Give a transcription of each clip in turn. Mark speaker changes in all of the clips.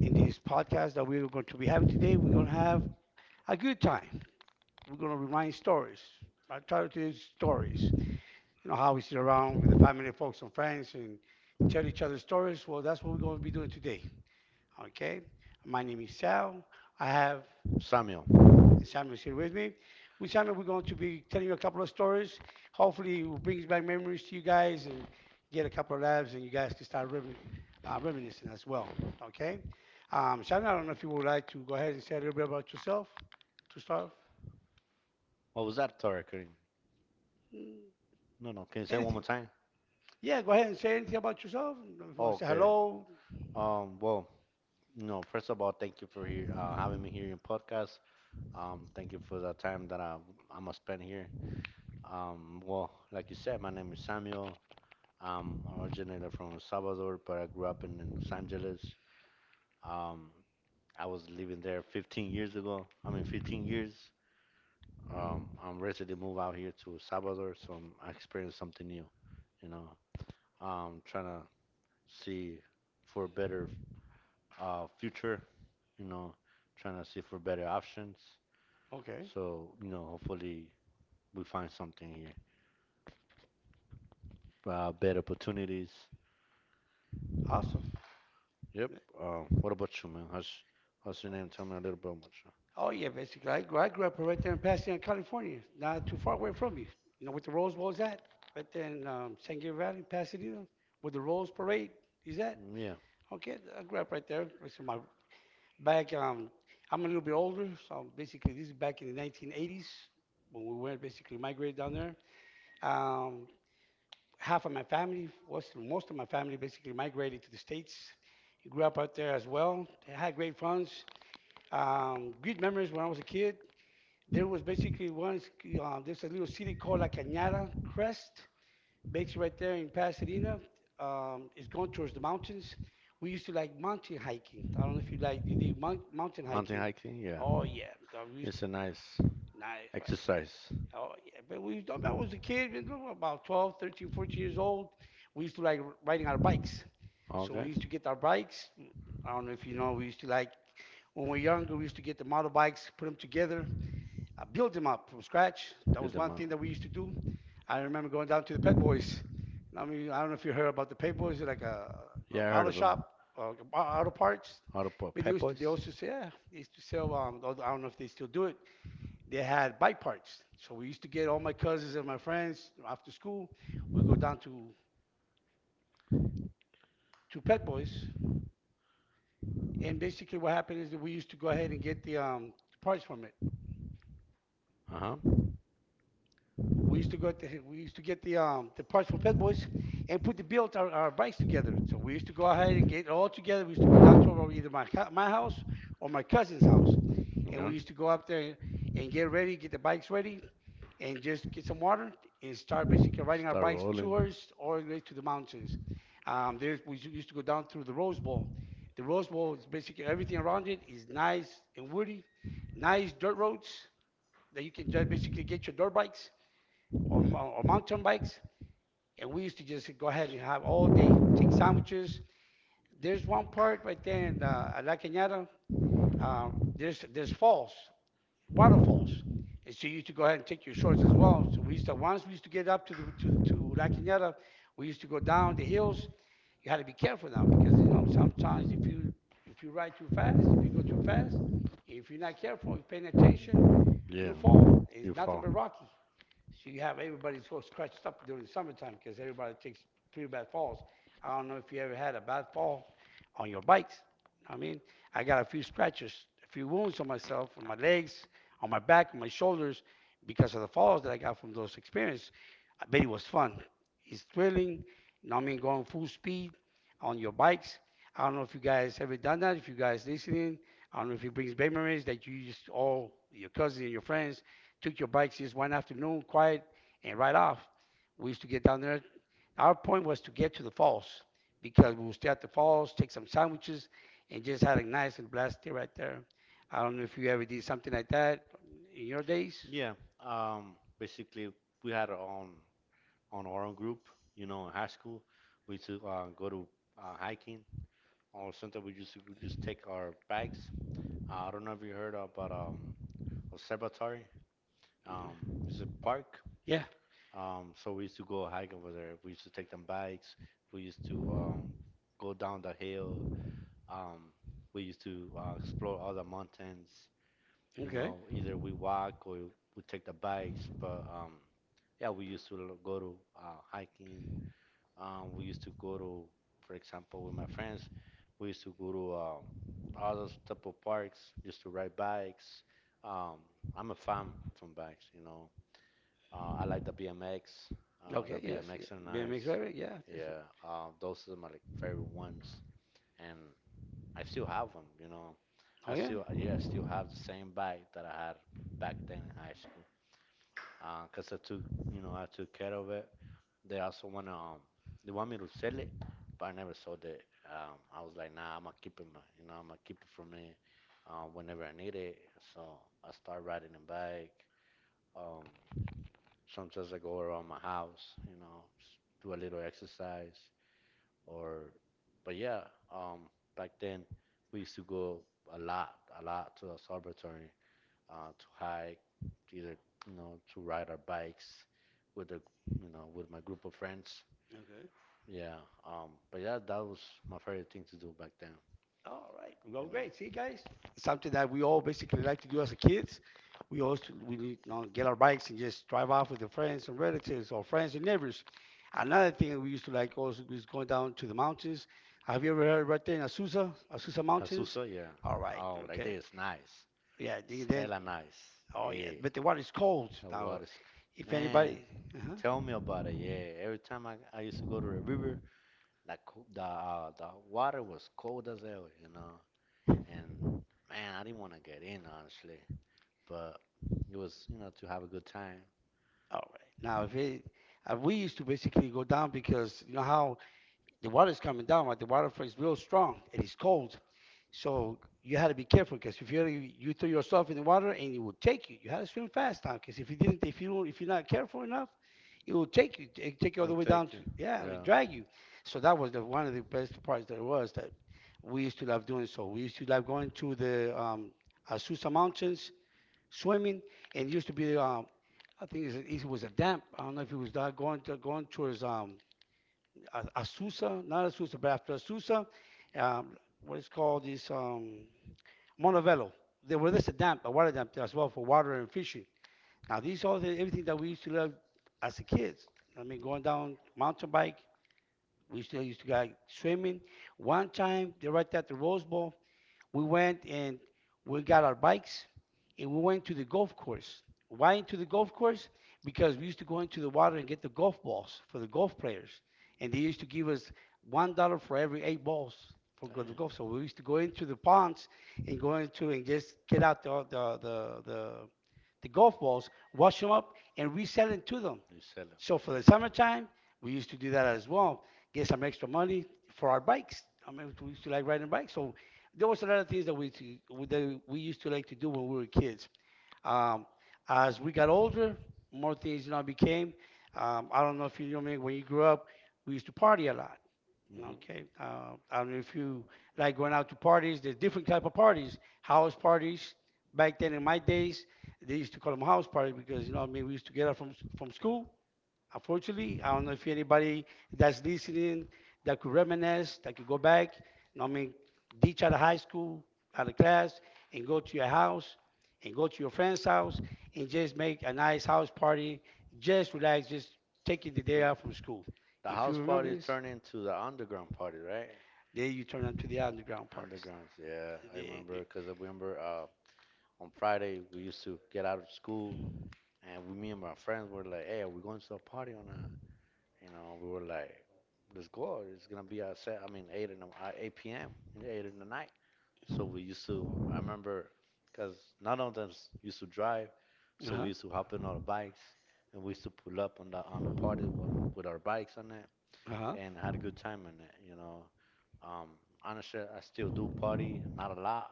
Speaker 1: in this podcast that we're going to be having today, we're going to have a good time. We're going to remind stories, alternative stories. You know how we sit around with the family, folks, and friends, and tell each other stories. Well, that's what we're going to be doing today. Okay. My name is Sal. I have
Speaker 2: Samuel.
Speaker 1: and Samuel is here with me. With Samuel, we're going to be telling you a couple of stories. Hopefully, it will bring back memories to you guys and get a couple of laughs, and you guys can start reminiscing as well. Okay? Samuel, I don't know if you would like to go ahead and say a little bit about yourself to start.
Speaker 2: What was that? Sorry, Kareem.
Speaker 1: Mm,
Speaker 2: No, no, can you say it one
Speaker 1: Anything?
Speaker 2: more time?
Speaker 1: Yeah, go ahead and say anything about yourself. If you want to
Speaker 2: Oh,
Speaker 1: say
Speaker 2: Okay.
Speaker 1: hello.
Speaker 2: Well, no, first of all, thank you for here, having me here in podcast. Thank you for the time that I'm gonna spend here. Well, like you said, my name is Samuel. I'm originated from El Salvador, but I grew up in Los Angeles. Um, I was living there 15 years ago. I mean, 15 years. I'm ready to move out here to El Salvador, so I experienced something new. You know, trying to see for a better future, you know, trying to see for better options.
Speaker 1: Okay.
Speaker 2: So, hopefully we find something here, better opportunities.
Speaker 1: Awesome.
Speaker 2: Yep. What about you, man? How's your name? Tell me a little bit about
Speaker 1: Oh yeah, basically. I grew up right there in Pasadena, California, not too far away from you. You know where the Rose Bowl's at? Right there in San Gabriel Valley, Pasadena, where the Rose Parade is
Speaker 2: you.
Speaker 1: at.
Speaker 2: Mm. Yeah.
Speaker 1: Okay, I grew up right there. So my back. I'm a little bit older, so basically this is back in the 1980s when we went basically migrated down there. Um, Half of my family, was most of my family, basically migrated to the states. Grew up out there as well. I had great friends, great memories when I was a kid. There was basically one, there's a little city called La Cañada Crest, basically right there in Pasadena. It's going towards the mountains. We used to like mountain hiking. I don't know if you like, you did mountain
Speaker 2: Mountain
Speaker 1: hiking.
Speaker 2: hiking? Yeah.
Speaker 1: Oh, yeah. That we used
Speaker 2: It's a nice
Speaker 1: to, nice, right?
Speaker 2: exercise.
Speaker 1: Oh, yeah. But we used to, I was a kid, you know, about 12, 13, 14 years old. We used to like riding our bikes. So we
Speaker 2: Okay.
Speaker 1: used to get our bikes. I don't know if you know, we used to like, when we were younger, we used to get the model bikes, put them together build them up from scratch. That
Speaker 2: Build
Speaker 1: was
Speaker 2: them
Speaker 1: one
Speaker 2: up.
Speaker 1: thing that we used to do. I remember going down to the Pet Boys. And I mean, I don't know if you heard about the Pet Boys, like
Speaker 2: Yeah, I
Speaker 1: a
Speaker 2: heard
Speaker 1: auto
Speaker 2: of him.
Speaker 1: shop, auto parts.
Speaker 2: Auto Pop
Speaker 1: But
Speaker 2: Pep
Speaker 1: they
Speaker 2: Boys.
Speaker 1: also say, yeah, they used to sell, I don't know if they still do it. They had bike parts. So we used to get all my cousins and my friends after school. We'd go down to Pet Boys. And basically what happened is that we used to go ahead and get the parts from it.
Speaker 2: Uh huh.
Speaker 1: We used to go to, we used to get the parts from Pet Boys and put the build our bikes together. So we used to go ahead and get it all together. We used to go down to either my house or my cousin's house, and we
Speaker 2: Okay.
Speaker 1: used to go up there and get ready, get the bikes ready, and just get some water and start basically riding our
Speaker 2: Start
Speaker 1: bikes
Speaker 2: rolling.
Speaker 1: tours all the way to the mountains. There's we used to go down through the Rose Bowl. The Rose Bowl is basically everything around it is nice and woody, nice dirt roads that you can just basically get your dirt bikes or, or mountain bikes, and we used to just go ahead and have all day, take sandwiches. There's one part right there in La Cañada. Uh, there's falls, waterfalls, and so you used to go ahead and take your shorts as well. So we used to once we used to get up to the to La Cañada, we used to go down the hills. You had to be careful now because you know sometimes if you ride too fast, if you go too fast, if you're not careful, if you're paying attention,
Speaker 2: Yeah.
Speaker 1: you fall.
Speaker 2: You
Speaker 1: It's nothing
Speaker 2: fall.
Speaker 1: but rocky. So you have everybody so scratched up during the summertime because everybody takes pretty bad falls. I don't know if you ever had a bad fall on your bikes. I mean, I got a few scratches, a few wounds on myself, on my legs, on my back, on my shoulders because of the falls that I got from those experiences. I bet it was fun. It's thrilling. You know what I mean? Going full speed on your bikes. I don't know if you guys ever done that. If you guys listening, I don't know if it brings memories that you just all your cousins and your friends took your bikes just one afternoon, quiet, and right off. We used to get down there. Our point was to get to the falls because we would stay at the falls, take some sandwiches, and just had a nice and blast day right there. I don't know if you ever did something like that in your days.
Speaker 2: Yeah. Basically, we had our own group. You know, in high school, we used to go to hiking, or sometimes we used to we just take our bikes. I don't know if you heard about Observatory.
Speaker 1: Mhm.
Speaker 2: It's a park.
Speaker 1: Yeah.
Speaker 2: So we used to go hike over there. We used to take them bikes. We used to go down the hill. Um, we used to explore other mountains. You
Speaker 1: Okay.
Speaker 2: know, either we walk or we take the bikes. But yeah, we used to go to hiking. We used to go to, for example, with my friends, we used to go to all those type of parks just to ride bikes. Um, I'm a fan from bikes, you know. I like the BMX. The
Speaker 1: Okay. Yes. Yeah.
Speaker 2: BMX are nice.
Speaker 1: BMX driver. Yeah.
Speaker 2: Yeah, those are my like, favorite ones, and I still have them. You know, I
Speaker 1: Oh yeah.
Speaker 2: still yeah, I still have the same bike that I had back then in high school. 'Cause I took you know I took care of it. They also wanna they want me to sell it, but I never sold it. I was like, nah, I'm gonna keep it, you know, I'm gonna keep it for me, whenever I need it. So I start riding a bike. Um, sometimes I go around my house, you know, do a little exercise. Or, but yeah, um, back then we used to go a lot, a lot to the observatory, to hike, either to ride our bikes with the, with my group of friends,
Speaker 1: Okay.
Speaker 2: yeah, but yeah, that was my favorite thing to do back then.
Speaker 1: All right. Well, great. See,
Speaker 2: You
Speaker 1: guys, something that we all basically like to do as a
Speaker 2: know,
Speaker 1: kids. We always we you know, get our bikes and just drive off with the friends and relatives or friends and neighbors. Another thing that we used to like also is going down to the mountains. Have you ever heard right there in Azusa, Azusa Mountains?
Speaker 2: Jesusa, yeah.
Speaker 1: All right.
Speaker 2: Oh, like
Speaker 1: Okay.
Speaker 2: this, nice.
Speaker 1: Yeah.
Speaker 2: It's
Speaker 1: Then.
Speaker 2: hella nice.
Speaker 1: Oh yeah.
Speaker 2: Yeah,
Speaker 1: But the water is cold
Speaker 2: the
Speaker 1: now.
Speaker 2: water is
Speaker 1: If
Speaker 2: man.
Speaker 1: anybody. Uh-huh.
Speaker 2: Tell me about it. Yeah, every time I used to go to the river, that the water was cold as hell. You know, and man, I didn't want to get in honestly, but it was you know to have a good time.
Speaker 1: All right. Now if it. We used to basically go down because you know how the water's coming down, right? The waterfall is real strong and it's cold. So you had to be careful because if you you throw yourself in the water and it would take you. You had to swim fast now because if you didn't, if you if you're not careful enough, it will take you, it take you all
Speaker 2: You'll
Speaker 1: the way down
Speaker 2: take it.
Speaker 1: to yeah, it will
Speaker 2: Yeah.
Speaker 1: drag you. So that was the one of the best parts there was that we used to love doing. So we used to love going to the Azusa Mountains swimming, and it used to be I think it was a damp. I don't know if it was that going to, going towards Azusa, not Azusa, but after Azusa, um, what is called is Montebello. There was this a dam, a water dam as well for water and fishing. Now these are the, everything that we used to love as a kids. I mean, going down mountain bike. We used to go swimming. One time, they're right at the Rose Bowl we went and we got our bikes and we went to the golf course. Why into the golf course? Because we used to go into the water and get the golf balls for the golf players, and they used to give us $1 for every 8 balls for the
Speaker 2: Damn.
Speaker 1: golf. So we used to go into the ponds and go into and just get out the golf balls, wash them up, and resell it to them.
Speaker 2: You sell him.
Speaker 1: So for the summertime, we used to do that as well. Get some extra money for our bikes. I mean, we used to like riding bikes. So there was a lot of things that that we used to like to do when we were kids. Um, as we got older, more things you know became. I don't know if you know me. When you grew up, we used to party a lot. Okay, I don't know if you like going out to parties. There's different type of parties,
Speaker 2: Hmm.
Speaker 1: house parties. Back then in my days, they used to call them house parties because you know what I mean we used to get out from
Speaker 2: Да.
Speaker 1: school. Unfortunately, I don't know if anybody that's listening that could reminisce, that could go back, you know what I mean, ditch out of high school, out of class, and go to your house, and go to your friend's house, and just make a nice house party, just relax, just taking the day off
Speaker 2: But
Speaker 1: from school.
Speaker 2: the
Speaker 1: If
Speaker 2: house
Speaker 1: you remember
Speaker 2: party
Speaker 1: this,
Speaker 2: turned into the underground party, right?
Speaker 1: then you turn on to the underground parties.
Speaker 2: Undergrounds, yeah, I remember because I remember on Friday we used to get out of school and we, me and my friends were like, "Hey, are we going to a party or not?" You know, we were like, "Let's go! It's gonna be at set. I mean, eight in the, eight p.m. eight in the night." So we used to, I remember, because none of us used to drive,
Speaker 1: Uh
Speaker 2: so we
Speaker 1: huh.
Speaker 2: used to hop in on our bikes and we used to pull up on the party one, with our bikes on it
Speaker 1: Uh,
Speaker 2: and had a good time in it, you know. Um, honestly, I still do party, not a lot,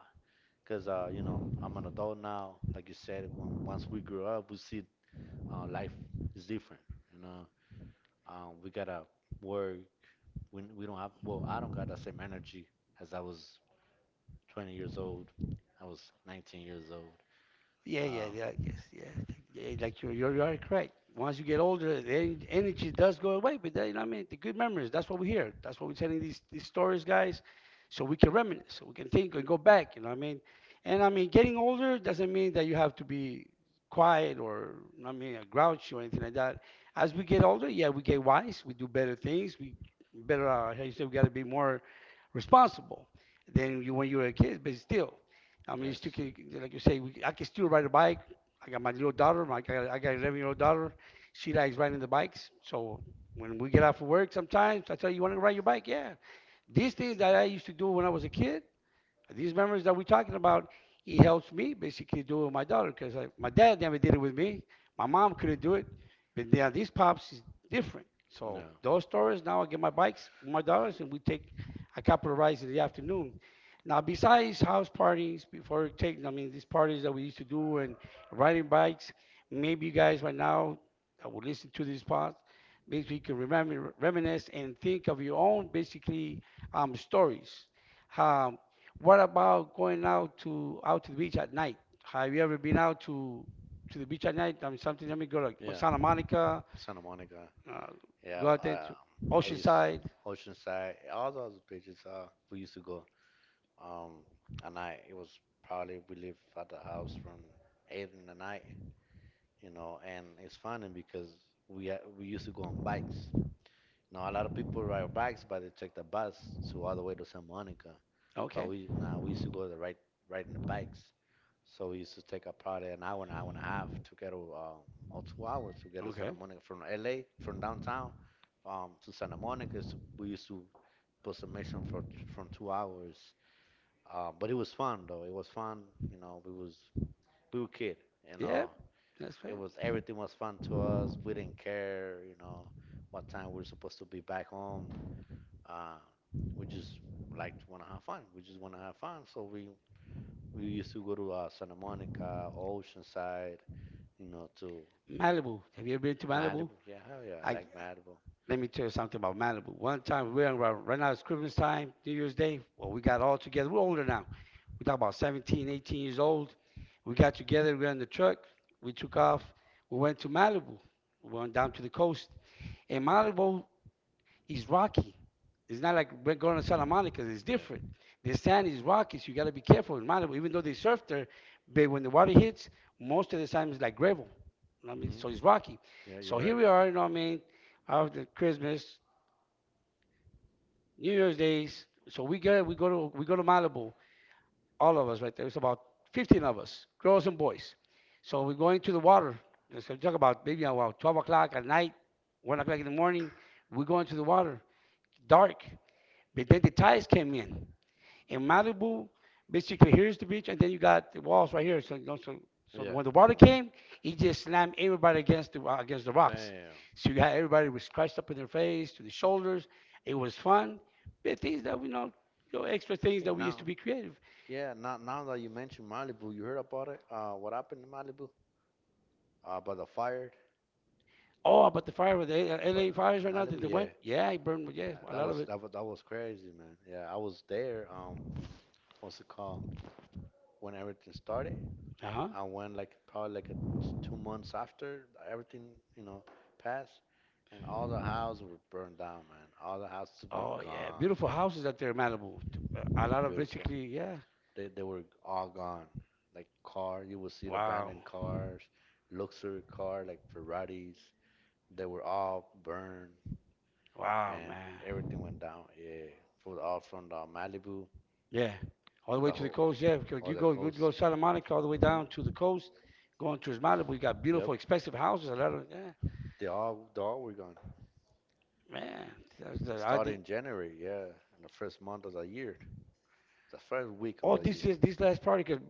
Speaker 2: because, you know, I'm an adult now. Like you said, once we grow up, we see life is different, you know. We gotta work. We don't have, well, I don't got the same energy as I was 20 years old. I was 19 years old.
Speaker 1: yeah, yeah, yeah,
Speaker 2: Um,
Speaker 1: yes, yeah, yeah, like you're correct. Once you get older, the energy does go away. But then, you know what I mean, the good memories. That's what we hear. That's what we're telling these stories, guys. So we can reminisce. So we can think and go back. You know what I mean? And I mean, getting older doesn't mean that you have to be quiet or, you know what I mean, a grouchy or anything like that. As we get older, yeah, we get wise. We do better things. We better. How you say? We got to be more responsible than you when you were a kid. But still, I mean,
Speaker 2: yes.
Speaker 1: it's still, like you say, I can still ride a bike. I got my little daughter, I got 11-year-old daughter. She likes riding the bikes. So when we get out for work sometimes, I tell her, you, want to ride your bike? Yeah. These things that I used to do when I was a kid, these memories that we're talking about, he helps me basically do it with my daughter because my dad never did it with me. My mom couldn't do it, but now these pops is different.
Speaker 2: No.
Speaker 1: So those stories now, I get my bikes with my daughters and we take a couple of rides in the afternoon. Now, besides house parties, I mean, these parties that we used to do and riding bikes, maybe you guys right now that will listen to this pod, maybe you can remember, reminisce and think of your own basically stories. Um, what about going out to out to the beach at night? Have you ever been out to the beach at night? I mean, something. Let me go like
Speaker 2: Yeah.
Speaker 1: Santa Monica,
Speaker 2: Santa Monica.
Speaker 1: uh,
Speaker 2: Yeah.
Speaker 1: go out there
Speaker 2: I,
Speaker 1: to
Speaker 2: um, I used
Speaker 1: Oceanside.
Speaker 2: Oceanside. All those beaches. We used to go. Um, at night. It was probably we lived at the house from eight in the night. You know, and it's funny because we used to go on bikes. No, a lot of people ride bikes, but they take the bus to all the way to San Monica. But
Speaker 1: Okay,
Speaker 2: we nah, we used to go the right riding the bikes. So we used to take a probably an hour and a half to get to or 2 hours to get to Santa
Speaker 1: okay,
Speaker 2: Monica from LA from downtown to Santa Monica. So we used to put submission for from 2 hours. But it was fun though. It was fun. You know, we were kid. You know,
Speaker 1: yeah, that's
Speaker 2: it
Speaker 1: right.
Speaker 2: was everything was fun to us. We didn't care. You know, what time we were supposed to be back home. Uh, we just like to want to have fun. We just want to have fun. So we used to go to Santa Monica, Oceanside, you know, to
Speaker 1: Malibu. Have you ever been to Malibu?
Speaker 2: Malibu. Yeah, hell yeah, I
Speaker 1: I
Speaker 2: like Malibu.
Speaker 1: let me tell you something about Malibu. One time we were in, right now it's Christmas time, New Year's Day. Well, we got all together. We're older now. We're talking about 17, 18 years old. We got together. We were in the truck. We took off. We went to Malibu. We went down to the coast. Amalabo is rocky. It's not like we're going to Santa Monica. It's
Speaker 2: Yeah.
Speaker 1: different. The sand is rocky, so you got to be careful in Malibu. Even though they surf there, but when the water hits, most of the time it's like gravel. You know what I
Speaker 2: Hmm.
Speaker 1: mean, so it's rocky.
Speaker 2: Yeah, you're
Speaker 1: So
Speaker 2: right.
Speaker 1: here we are. You know what I mean? After Christmas, New Year's days. So we go, we go to Malibu. All of us right there. It's about 15 of us, girls and boys. So we go into the water. So we talk about maybe about 12 o'clock at night, 1 o'clock in the morning. We go into the water, dark. But then the tides came in. In Malibu, basically here's the beach, and then you got the walls right here. So, you know, so
Speaker 2: Yeah.
Speaker 1: when the water came, it just slammed everybody against the rocks.
Speaker 2: Damn.
Speaker 1: So you got everybody was scratched up in their face to the shoulders. It was fun. But things that we know, you know, extra things
Speaker 2: Hey,
Speaker 1: that we used
Speaker 2: now,
Speaker 1: to be creative.
Speaker 2: yeah, now that you mentioned Malibu, you heard about it? What happened in Malibu? About the fire?
Speaker 1: Oh, about the fire with the LA fires right now
Speaker 2: Malibu,
Speaker 1: that they
Speaker 2: yeah.
Speaker 1: went. Yeah, it burned. Yeah,
Speaker 2: That,
Speaker 1: a
Speaker 2: that
Speaker 1: lot
Speaker 2: was
Speaker 1: of it.
Speaker 2: that was that was crazy, man. Yeah, I was there. What's it called? When everything started,
Speaker 1: Uh huh.
Speaker 2: I went like probably like 2 months after everything, you know, passed, and all the houses were burned down, man. All the houses were
Speaker 1: Oh yeah,
Speaker 2: gone.
Speaker 1: beautiful houses out there in Malibu. A lot of
Speaker 2: Beautiful.
Speaker 1: basically, yeah.
Speaker 2: They were all gone. Like car, you would see the
Speaker 1: Wow,
Speaker 2: abandoned cars, luxury car like Ferraris. They were all burned,
Speaker 1: wow,
Speaker 2: and
Speaker 1: man.
Speaker 2: everything went down. Yeah, for all from the Malibu.
Speaker 1: Yeah, all the way to the
Speaker 2: Tahoe
Speaker 1: coast. Yeah, because
Speaker 2: or the
Speaker 1: you go
Speaker 2: coast.
Speaker 1: Santa Monica all the way down to the coast, going towards Malibu. You got
Speaker 2: Yep,
Speaker 1: beautiful, expensive houses. A lot of yeah,
Speaker 2: they all were gone.
Speaker 1: man. That's the, I
Speaker 2: Start in
Speaker 1: did
Speaker 2: January, yeah, in the first month of the year, the first week of
Speaker 1: all
Speaker 2: the year.
Speaker 1: this is this last party 'cause-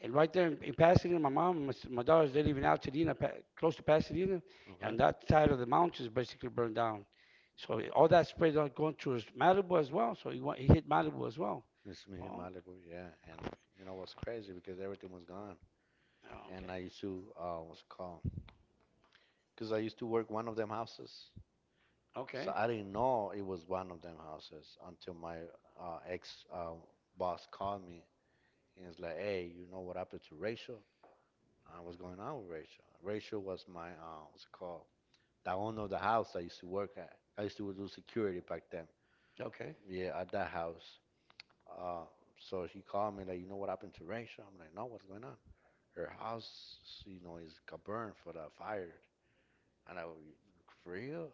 Speaker 1: and right there in Pasadena, my mom, and my daughters, they live in Altadena, pa, close to Pasadena,
Speaker 2: Okay,
Speaker 1: and that side of the mountains basically burned down. So all that spread out going towards Malibu as well. So he went, he hit Malibu as well.
Speaker 2: it's me
Speaker 1: Oh,
Speaker 2: Malibu, yeah, and you know what's crazy because everything was gone, and I
Speaker 1: okay,
Speaker 2: used to what's it called? Because I used to work one of them houses, so
Speaker 1: okay,
Speaker 2: I didn't know it was one of them houses until my ex boss called me and it's like, hey, you know what happened to Rachel? What's going on with Rachel. Rachel was my what's it called? The owner of the house I used to work at. I used to do security back then.
Speaker 1: okay,
Speaker 2: Yeah, at that house. Uh, so she called me like, you know what happened to Rachel? I'm like, no, what's going on? Her house, you know, is got burned for the fire. And I was for real?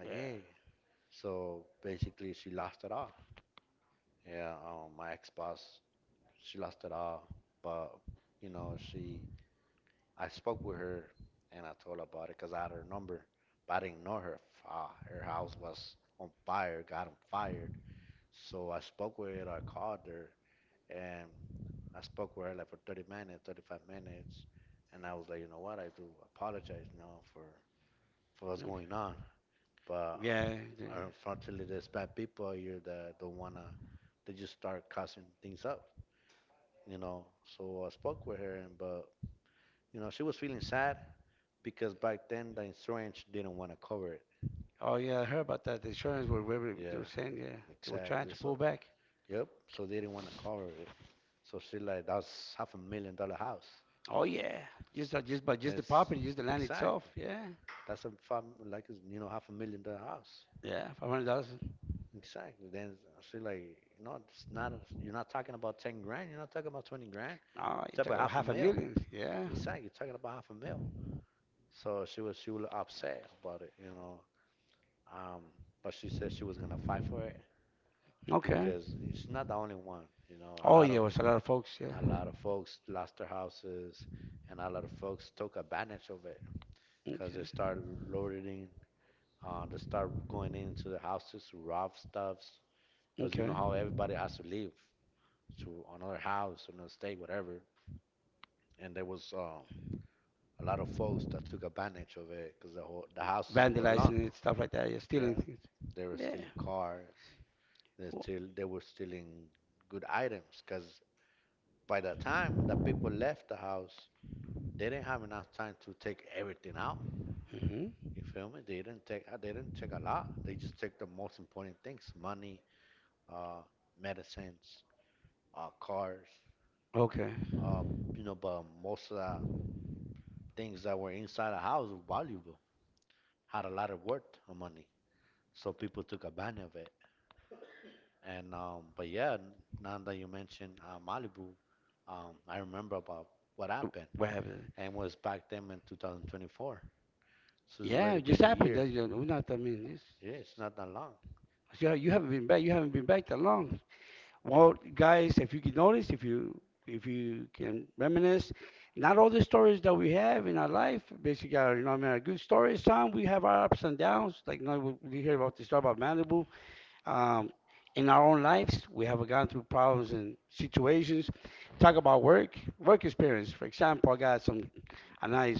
Speaker 2: I'm like,
Speaker 1: yeah,
Speaker 2: yeah. So basically, she lost it all. Yeah, my ex-boss, she lost it all. But you know, she I spoke with her and I told her about it because I had her number, but I didn't know her. Her house was on fire, got on fire. So I spoke with her, I called her, and I spoke with her like for 30 minutes, 35 minutes. And I was like, you know what, I do apologize now for what's
Speaker 1: okay.
Speaker 2: going on. But
Speaker 1: Yeah. Yeah.
Speaker 2: unfortunately, there's bad people here that don't want to, they just start causing things up, you know. So I spoke with her, and but, you know, she was feeling sad because back then the insurance didn't want to cover it.
Speaker 1: Oh yeah, I heard about that. The insurance they were
Speaker 2: Yeah,
Speaker 1: saying yeah they were trying to
Speaker 2: exactly.
Speaker 1: pull
Speaker 2: So
Speaker 1: back.
Speaker 2: yep, so they didn't want to cover it. So she like that's half $1,000,000 house.
Speaker 1: Oh yeah, just by just the
Speaker 2: It's
Speaker 1: property, just the land itself.
Speaker 2: exactly
Speaker 1: Yeah,
Speaker 2: that's a five, like you know half $1,000,000 house.
Speaker 1: yeah, 500,000.
Speaker 2: Exactly. Then she like no, it's not. You're not talking about 10 grand. You're not talking about 20 grand.
Speaker 1: Oh, you
Speaker 2: You're
Speaker 1: talk
Speaker 2: talking about
Speaker 1: about
Speaker 2: half a
Speaker 1: half a
Speaker 2: mil.
Speaker 1: million. Yeah.
Speaker 2: Exactly. You're talking about half a mil. So she was upset about it, you know. Um, but she said she was gonna fight for it,
Speaker 1: Okay.
Speaker 2: because it's not the only one. You know,
Speaker 1: Oh yeah, it was a lot of folks. Yeah.
Speaker 2: a lot of folks lost their houses, and a lot of folks took advantage of it because
Speaker 1: Okay.
Speaker 2: they started loading, they start going into the houses to rob stuffs. Because you
Speaker 1: Okay.
Speaker 2: know how everybody has to leave to another house, another state, whatever. And there was a lot of folks that took advantage of it because the whole, the houses were alone.
Speaker 1: Vandalizing it, stuff like that. Yeah, stealing
Speaker 2: Yeah,
Speaker 1: things.
Speaker 2: they were
Speaker 1: Yeah.
Speaker 2: stealing cars.
Speaker 1: Well,
Speaker 2: They were stealing good items because by the time that people left the house, they didn't have enough time to take everything out.
Speaker 1: hmm.
Speaker 2: You feel me? They didn't take a lot. They just took the most important things: money, uh, medicines, cars.
Speaker 1: Okay.
Speaker 2: Uh, you know, but most of the things that were inside the house were valuable, had a lot of worth of money. So people took advantage of it. And but yeah, now that you mentioned Malibu, I remember about what
Speaker 1: W-
Speaker 2: happened,
Speaker 1: What happened?
Speaker 2: and was back then in 2024. So it's
Speaker 1: Yeah, it
Speaker 2: already
Speaker 1: just
Speaker 2: been a
Speaker 1: happened. That's,
Speaker 2: year.
Speaker 1: not. I mean,
Speaker 2: Yeah, it's
Speaker 1: it's,
Speaker 2: not that long.
Speaker 1: you you haven't been back. You haven't been back that long. Well, guys, if you can notice, if you can reminisce, not all the stories that we have in our life, basically, are, you know, what I mean, a good stories time. We have our ups and downs. Like, you know, we hear about the story about Malibu um, in our own lives. We have gone through problems and situations. Talk about work, work experience. For example, I got some a nice.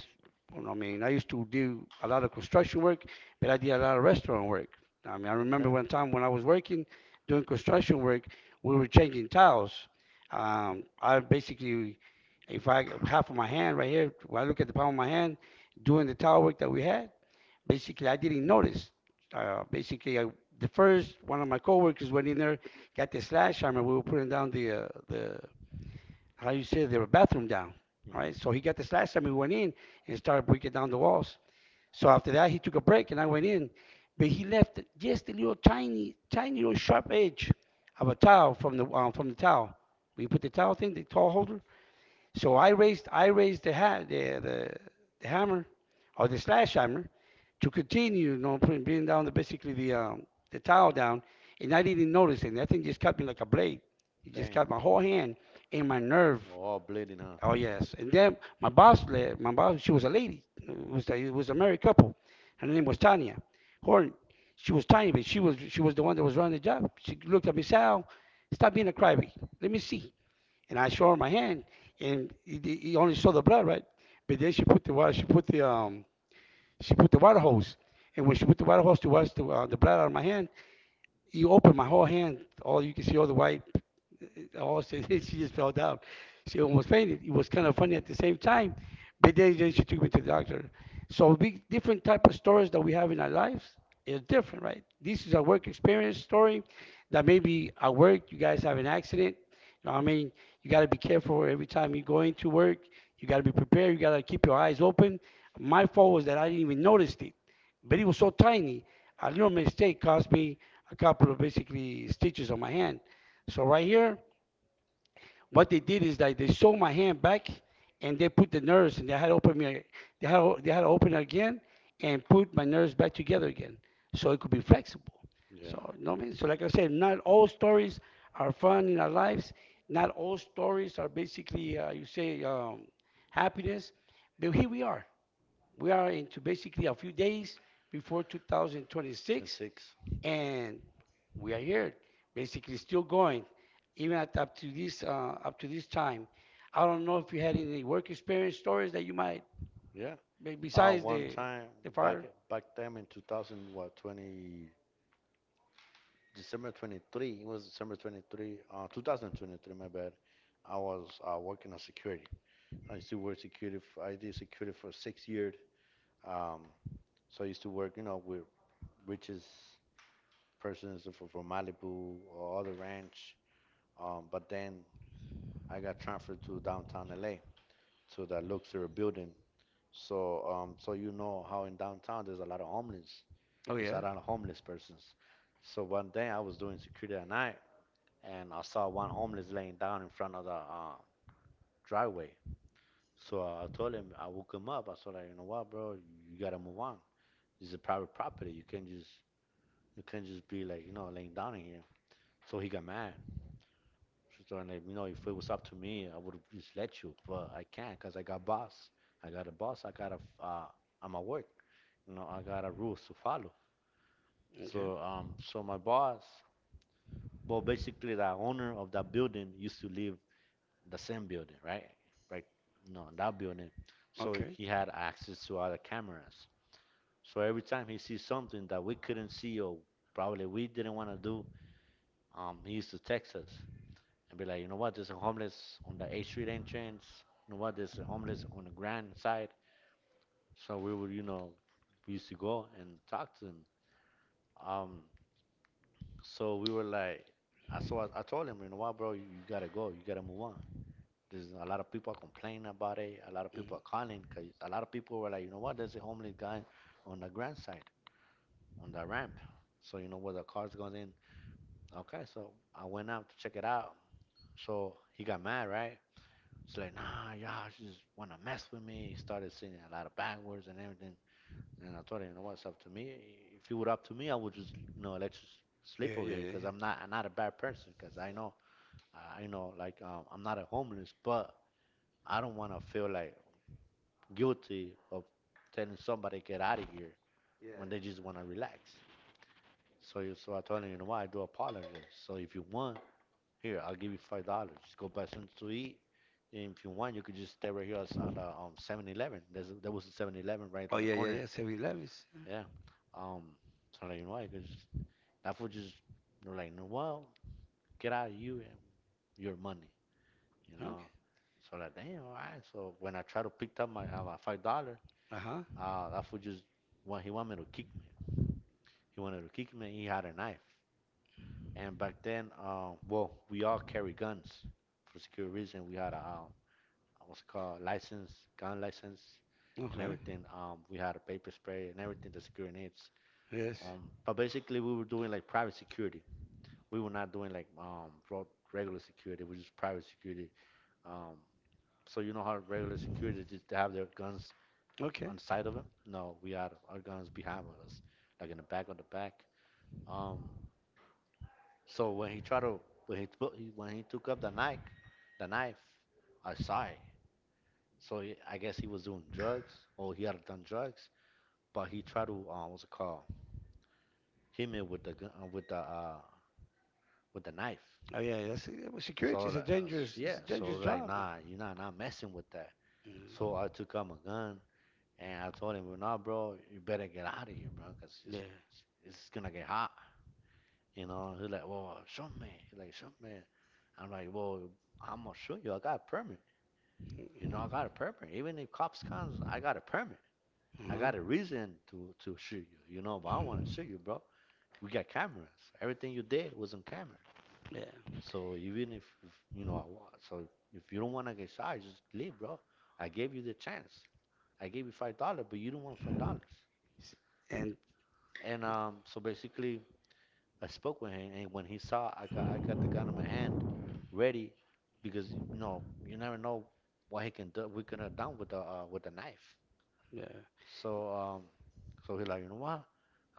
Speaker 1: I mean, I used to do a lot of construction work, but I did a lot of restaurant work. I mean, I remember
Speaker 2: Okay.
Speaker 1: one time when I was working doing construction work, we were changing tiles. I basically, if I half of my hand right here, when I look at the palm of my hand, doing the tile work that we had, basically, I didn't notice. Basically, the first one of my coworkers went in there, got the slash hammer. We were putting down the how you say the bathroom down. All right, so he
Speaker 2: hmm
Speaker 1: got the slash hammer, we went in and started breaking down the walls. So after that, he took a break and I went in, but he left just a little tiny, tiny little sharp edge of a towel from the towel. We put the towel thing, the towel holder. So I raised the the hammer or the slash hammer to continue, you know, putting, bringing down the basically the towel down, and I didn't notice it. And that thing just cut me like a blade. It just cut my
Speaker 2: Damn.
Speaker 1: whole hand and my nerve.
Speaker 2: All bleeding, huh?
Speaker 1: Oh
Speaker 2: Mm.
Speaker 1: yes. And then my boss, my boss, she was a lady. It was a married couple. Her name was Tanya Horn. She was tiny, but she was the one that was running the job. She looked at me, Sal, stop being a crybaby. Let me see. And I showed her my hand, and he only saw the blood, right? But then she put the water. She put the water hose. And when she put the water hose to wash the blood out of my hand, you open my whole hand. All you can see all the white all she, she just fell down. She almost fainted. It was kind of funny at the same time, but then she took me to the doctor. So big different type of stories that we have in our lives is different, right? This is a work experience story that maybe at work you guys have an accident. You know, what I mean, you got to be careful every time you go into work. You got to be prepared. You got to keep your eyes open. My fault was that I didn't even notice it, but it was so tiny. A little mistake cost me a couple of basically stitches on my hand. So right here, what they did is that they sewed my hand back and they put the nerves and they had to open me. They had to open it again and put my nerves back together again so it could be flexible.
Speaker 2: Yeah.
Speaker 1: So no man. So like I said, not all stories are fun in our lives. Not all stories are basically you say happiness, but here we are. We are into basically a few days before 2026,
Speaker 2: 26.
Speaker 1: and we are here, basically still going, even at, up to this time. I don't know if you had any work experience stories that you might
Speaker 2: Yeah.
Speaker 1: besides
Speaker 2: One
Speaker 1: the
Speaker 2: time
Speaker 1: fire.
Speaker 2: back back then in 2000, what, 20, December 23, it was December 23, 2023, my bad. I was working on security. I used to work security, f I did security for 6 years. Um, so I used to work, you know, with richest persons from Malibu or other ranch. But then I got transferred to downtown LA to the Luxor building. So, you know how in downtown there's a lot of homeless,
Speaker 1: Oh
Speaker 2: there's
Speaker 1: yeah.
Speaker 2: a lot of homeless persons. So one day I was doing security at night and I saw one homeless laying down in front of the driveway. So I told him, I woke him up. I was like, you know what, bro, you gotta move on. This is a private property. You can't just be like you know laying down in here. So he got mad. So I'm like, you know, if it was up to me, I would have just let you, but I can't because I got boss. I got a boss. I got a f- I'm at work. You know, I got a rules to follow.
Speaker 1: Okay.
Speaker 2: So my boss, well, basically the owner of that building used to live the same building, right? Right. No, that building. So
Speaker 1: Okay.
Speaker 2: he had access to other cameras. So every time he sees something that we couldn't see or probably we didn't want to do, he used to text us and be like, you know what, there's a homeless on the 8th Street entrance. You know what, there's a homeless on the Grand side. So we would, you know, we used to go and talk to him. Um, so we were like, I told him, you know what, bro, you gotta go, you gotta move on. There's a lot of people complaining about it. A lot of people
Speaker 1: Mhm.
Speaker 2: are calling because a lot of people were like, you know what? There's a homeless guy on the grand side, on the ramp. So you know where the cars goes in. Okay, so I went out to check it out. So he got mad, right? It's like, nah, y'all just wanna mess with me. He started saying a lot of bad words and everything. And I told him, you know what? It's up to me. If it were up to me, I would just, you know, let you
Speaker 1: Yeah,
Speaker 2: sleep over
Speaker 1: yeah,
Speaker 2: here
Speaker 1: yeah,
Speaker 2: because
Speaker 1: yeah.
Speaker 2: I'm not a bad person. Because I know, like, I'm not a homeless, but I don't want to feel like guilty of telling somebody get out of here when they just want to relax. So I told him, you know what, I do apologize. So if you want, here I'll give you $5. Just go buy something to eat. And if you want, you could just stay right here at the 7-Eleven. There was a 7-Eleven right
Speaker 1: Oh
Speaker 2: on the
Speaker 1: yeah, yeah,
Speaker 2: corner.
Speaker 1: yeah. Seven Elevens.
Speaker 2: Yeah. Um. So like, you know what, because that fool just they're like, no, well, get out of you and your money, you know.
Speaker 1: Okay.
Speaker 2: So like, damn, all right. So when I try to pick up my my $5,
Speaker 1: Uh huh.
Speaker 2: uh, that fool just want, he wanted to kick me. He wanted to kick me. He had a knife. And back then, well, we all carry guns for security reason. We had a what's it called license, gun license, and
Speaker 1: Okay.
Speaker 2: everything. We had a paper spray and everything the security needs.
Speaker 1: Yes.
Speaker 2: Um, but basically, we were doing like private security. We were not doing like regular security. We just private security. Um, so you know how regular security just they have their guns
Speaker 1: Okay.
Speaker 2: on the side of them? No, we had our guns behind us, like in the back of the back. Um, so when he tried to when he, took- he when he took up the knife, I saw it. So he, I guess he was doing drugs, or he had done drugs, but he tried to what's it called? Hit me with the gun, with the knife.
Speaker 1: Oh yeah. That's well,
Speaker 2: So
Speaker 1: security is a
Speaker 2: like,
Speaker 1: dangerous it's
Speaker 2: yeah,
Speaker 1: a
Speaker 2: so I
Speaker 1: dangerous
Speaker 2: was like
Speaker 1: job now.
Speaker 2: nah, you're not messing with that.
Speaker 1: Mhm.
Speaker 2: So I took out my gun and I told him, well, nah, bro, you better get out of here, bro, 'cause
Speaker 1: Yeah.
Speaker 2: it's gonna get hot, you know. He's like, well, shoot me, he's like shoot me. I'm like, well, I'm gonna shoot you. I got a permit. You know, I got a permit. Even if cops comes, I got a permit.
Speaker 1: Uh
Speaker 2: I
Speaker 1: huh.
Speaker 2: got a reason to shoot you. You know, but I don't want to shoot you, bro. We got cameras. Everything you did was on camera.
Speaker 1: Yeah.
Speaker 2: So even if you know, so if you don't want to get shot, just leave, bro. I gave you the chance. I gave you $5, but you don't want $5.
Speaker 1: And
Speaker 2: And so basically, I spoke with him, and when he saw I got the gun in my hand, ready, because you know you never know what he can do. We could have done with the knife.
Speaker 1: yeah.
Speaker 2: So um, so he's like, you know what?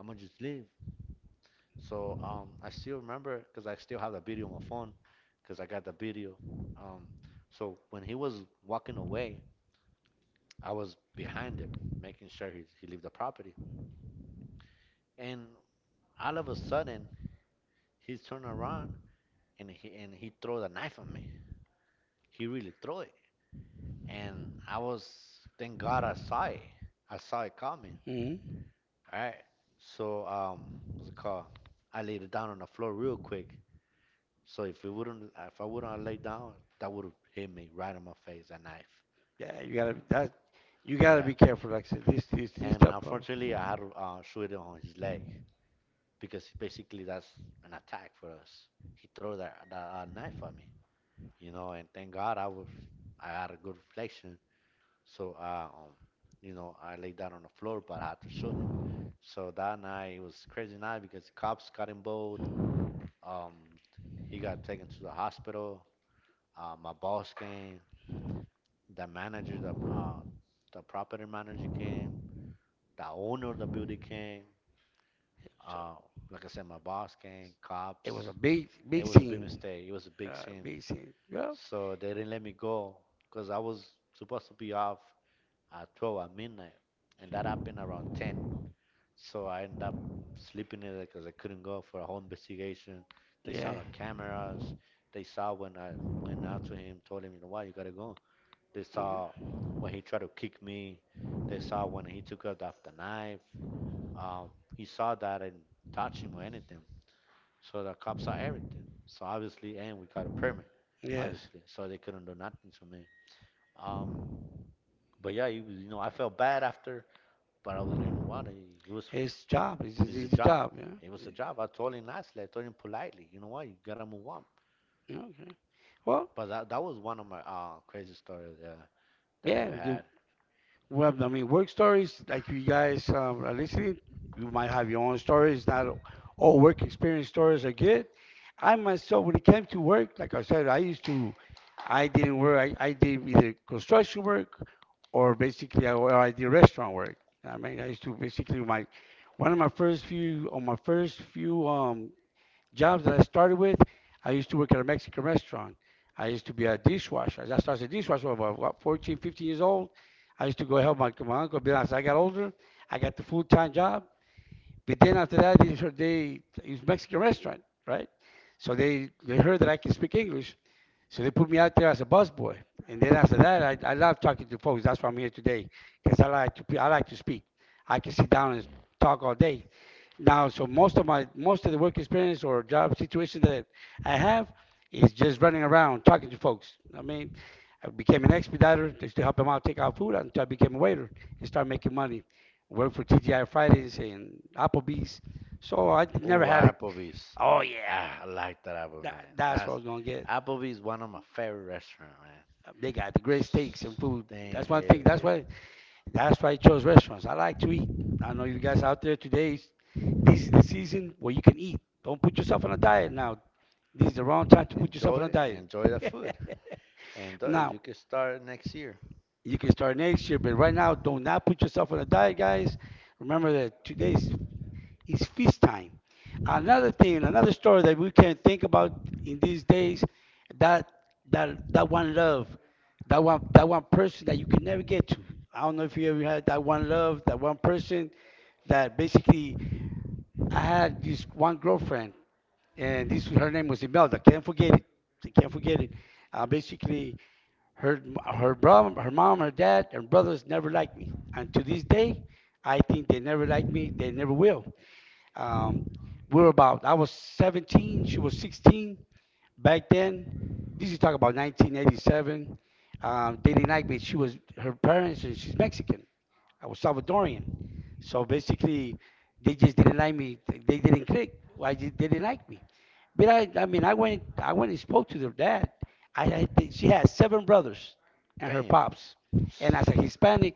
Speaker 2: I'm gonna just leave. I still remember because I still have the video on my phone because I got the video. Um, so when he was walking away, I was behind him, making sure he leave the property. And all of a sudden, he turned around and he throw the knife at me. He really throw it, and I was thank God I saw it. I saw it coming.
Speaker 1: Hmm.
Speaker 2: All right. So what's it called? I laid it down on the floor real quick. So if it wouldn't, if I wouldn't have laid down, that would have hit me right in my face, a knife.
Speaker 1: Yeah, you gotta
Speaker 2: Yeah.
Speaker 1: be careful. Like I said, this
Speaker 2: And
Speaker 1: type of
Speaker 2: unfortunately, I had to shoot it on his leg because basically that's an attack for us. He threw that, that knife at me, you know. And thank God I was, I had a good reflection. So you know, I laid down on the floor, but I had to shoot him. So that night it was a crazy night because cops got involved. Um, he got taken to the hospital. My boss came. The manager, the property manager came. The owner of the building came.
Speaker 1: so
Speaker 2: Uh, like I said, my boss came.
Speaker 1: it was a
Speaker 2: Cops.
Speaker 1: big
Speaker 2: It
Speaker 1: big
Speaker 2: was a big
Speaker 1: scene,
Speaker 2: mistake. It was a big sin.
Speaker 1: big scene. Yeah,
Speaker 2: So they didn't let me go because I was supposed to be off at 12 at midnight, and that happened around 10. So I ended up sleeping in there because I couldn't go for a whole investigation. They
Speaker 1: yeah,
Speaker 2: saw the cameras. They saw when I went out to him, told him, you know what, you gotta go. They saw
Speaker 1: yeah.
Speaker 2: when he tried to kick me. They saw when he took out that the knife. Um, he saw that and touched him or anything. So the cops saw everything. So obviously, and we got a permit,
Speaker 1: Yes.
Speaker 2: obviously. So they couldn't do nothing to me. Um, but yeah, he was, you know, I felt bad after, but I was like, you know what? It was,
Speaker 1: His job is
Speaker 2: it's a
Speaker 1: his
Speaker 2: job.
Speaker 1: job.
Speaker 2: It
Speaker 1: Yeah.
Speaker 2: was a job. I told him nicely. I told him politely. You know what? You gotta move on.
Speaker 1: Yeah. Okay. Well,
Speaker 2: But that was one of my crazy stories yeah, that I
Speaker 1: yeah.
Speaker 2: ever had.
Speaker 1: Well, I mean, work stories like you guys are listening, you might have your own stories. Not all work experience stories are good. I myself, when it came to work, like I said, I didn't work. I did either construction work or basically or I did restaurant work. I mean, I used to basically my one of my first few on my first few jobs that I started with, I used to work at a Mexican restaurant. I used to be a dishwasher. I started as a dishwasher about what, 14, 15 years old. I used to go help my, my uncle. But as I got older, I got the full-time job. But then after that, they it was a Mexican restaurant, right? So they heard that I can speak English. So they put me out there as a busboy. And then after that, I love talking to folks. That's why I'm here today, because I like to speak. I can sit down and talk all day. Now, so most of the work experience or job situation that I have is just running around talking to folks. I mean, I became an expediter just to help them out take out food until I became a waiter and start making money. Worked for TGI Fridays and Applebee's, so I never
Speaker 2: Ooh,
Speaker 1: had it.
Speaker 2: Applebee's.
Speaker 1: Oh yeah,
Speaker 2: Ah, I like that Apple,
Speaker 1: that,
Speaker 2: man.
Speaker 1: that's what I
Speaker 2: That's
Speaker 1: was gonna get.
Speaker 2: Applebee's one of my favorite restaurant, man.
Speaker 1: They got the great steaks and food.
Speaker 2: Damn,
Speaker 1: That's one
Speaker 2: hey,
Speaker 1: thing. That's why I chose restaurants. I like to eat. I know you guys out there today, this is the season where you can eat. Don't put yourself on a diet now. This is the wrong time to put yourself on a
Speaker 2: enjoy,
Speaker 1: diet.
Speaker 2: enjoy the food. Enjoy.
Speaker 1: Now,
Speaker 2: You can start next year.
Speaker 1: you can start next year, but right now, do not put yourself on a diet, guys. Remember that today's it's feast time. Another thing, another story that we can think about in these days, that that one love, that one person that you can never get to. I don't know if you ever had that one love, that one person that basically I had this one girlfriend, and this her name was Imelda. Can't forget it. I can't forget it. Basically, her her mom, her mom, her dad, and brothers never liked me, and to this day, I think they never liked me. They never will. Um, we were about, I was 17, she was 16 back then. This is talking about 1987. They didn't like me. Her parents, and she's Mexican. I was Salvadorian. So basically, they just didn't like me. They didn't click. Why did they didn't like me? But I mean, I went and spoke to their dad. I think she had seven brothers and her
Speaker 2: Damn,
Speaker 1: pops. And as a Hispanic,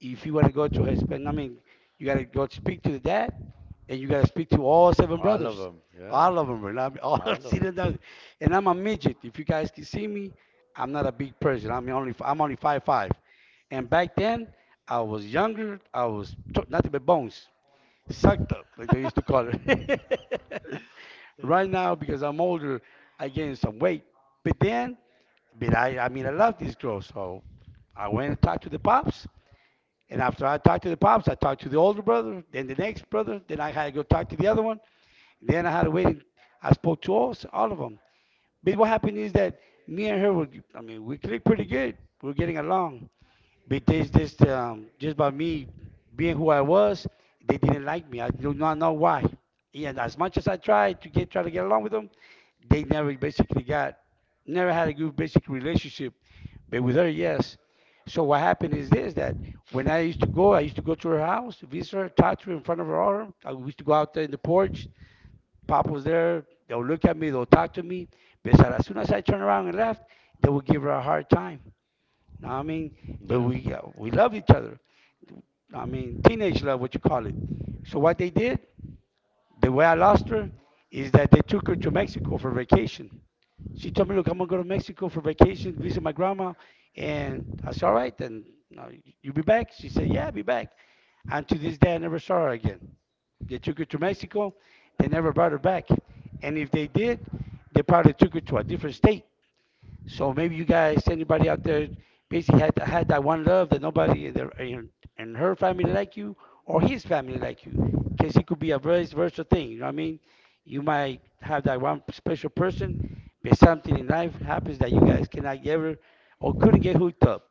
Speaker 1: if you want to go to Hispanic, I mean, you got to go speak to the dad, and you got to speak to all seven
Speaker 2: all of
Speaker 1: brothers,
Speaker 2: them. Yeah,
Speaker 1: all of them. And I'm all
Speaker 2: all of
Speaker 1: sitting
Speaker 2: them.
Speaker 1: down, and I'm a midget. If you guys can see me, I'm not a big person. I'm only five five, and back then I was younger. I was nothing but bones, sucked up like they used to call it. Right
Speaker 2: Yeah.
Speaker 1: now, because I'm older, I gained some weight. But then, but I mean I love these girls, so I went and talked to the pops, and after I talked to the pops, I talked to the older brother, then the next brother, then I had to go talk to the other one. Then I had to wait. I spoke to all of them. But what happened is that me and her were, I mean, we clicked pretty good. We were getting along. But there's this, just by me being who I was, they didn't like me. I do not know why. And as much as I tried to get try to get along with them, they never never had a good basic relationship, but with her, yes. So what happened is this that when I used to go, I used to go to her house, visit her, talk to her in front of her arm. I used to go out there in the porch. Pop was there. They'll look at me. They'll talk to me. But as soon as I turn around and left, they would give her a hard time. Know what I mean? But
Speaker 2: Yeah.
Speaker 1: we love each other. I mean, teenage love, what you call it. So what they did, the way I lost her is that they took her to Mexico for vacation. She told me, "Look, I'm gonna go to Mexico for vacation, visit my grandma." And I said, "All right, then you know, you be back." She said, "Yeah, I'll be back." And to this day, I never saw her again. They took her to Mexico. They never brought her back. And if they did, they probably took her to a different state. So maybe you guys, anybody out there, basically had that one love that nobody in, in her family like you, or his family like you, because it could be a very versatile thing. You know what I mean? You might have that one special person, but something in life happens that you guys cannot ever or couldn't get hooked up.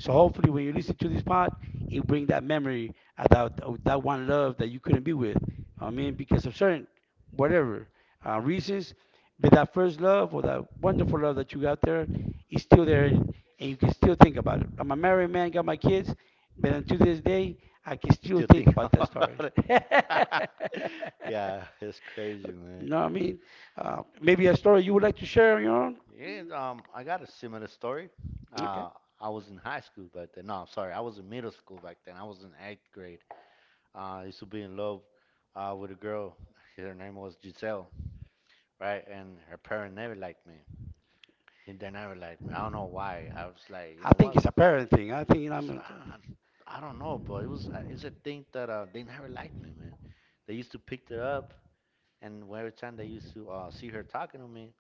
Speaker 1: So hopefully, when you listen to this pod, it bring that memory about of that one love that you couldn't be with. I mean, because of certain whatever reasons, but that first love or that wonderful love that you got there is still there, and you can still think about it. I'm a married man, got my kids, but until this day, I can still
Speaker 2: You
Speaker 1: think
Speaker 2: think
Speaker 1: about that
Speaker 2: about
Speaker 1: story.
Speaker 2: it. Yeah, it's crazy,
Speaker 1: You
Speaker 2: man.
Speaker 1: know what I mean? Maybe a story you would like to share on your own?
Speaker 2: Yeah, I got a similar story.
Speaker 1: Okay.
Speaker 2: Uh, I was in high school back then. No, I'm sorry, I was in middle school back then. I was in eighth grade. I used to be in love with a girl. Her name was Giselle, right? And her parents never liked me. And they never liked me. I don't know why. I was like,
Speaker 1: I think it's a parent thing. I think, you know, I'm
Speaker 2: it's, uh, I don't know, but it was it's a thing that they never liked me, man. They used to pick her up, and every time they used to see her talking to me,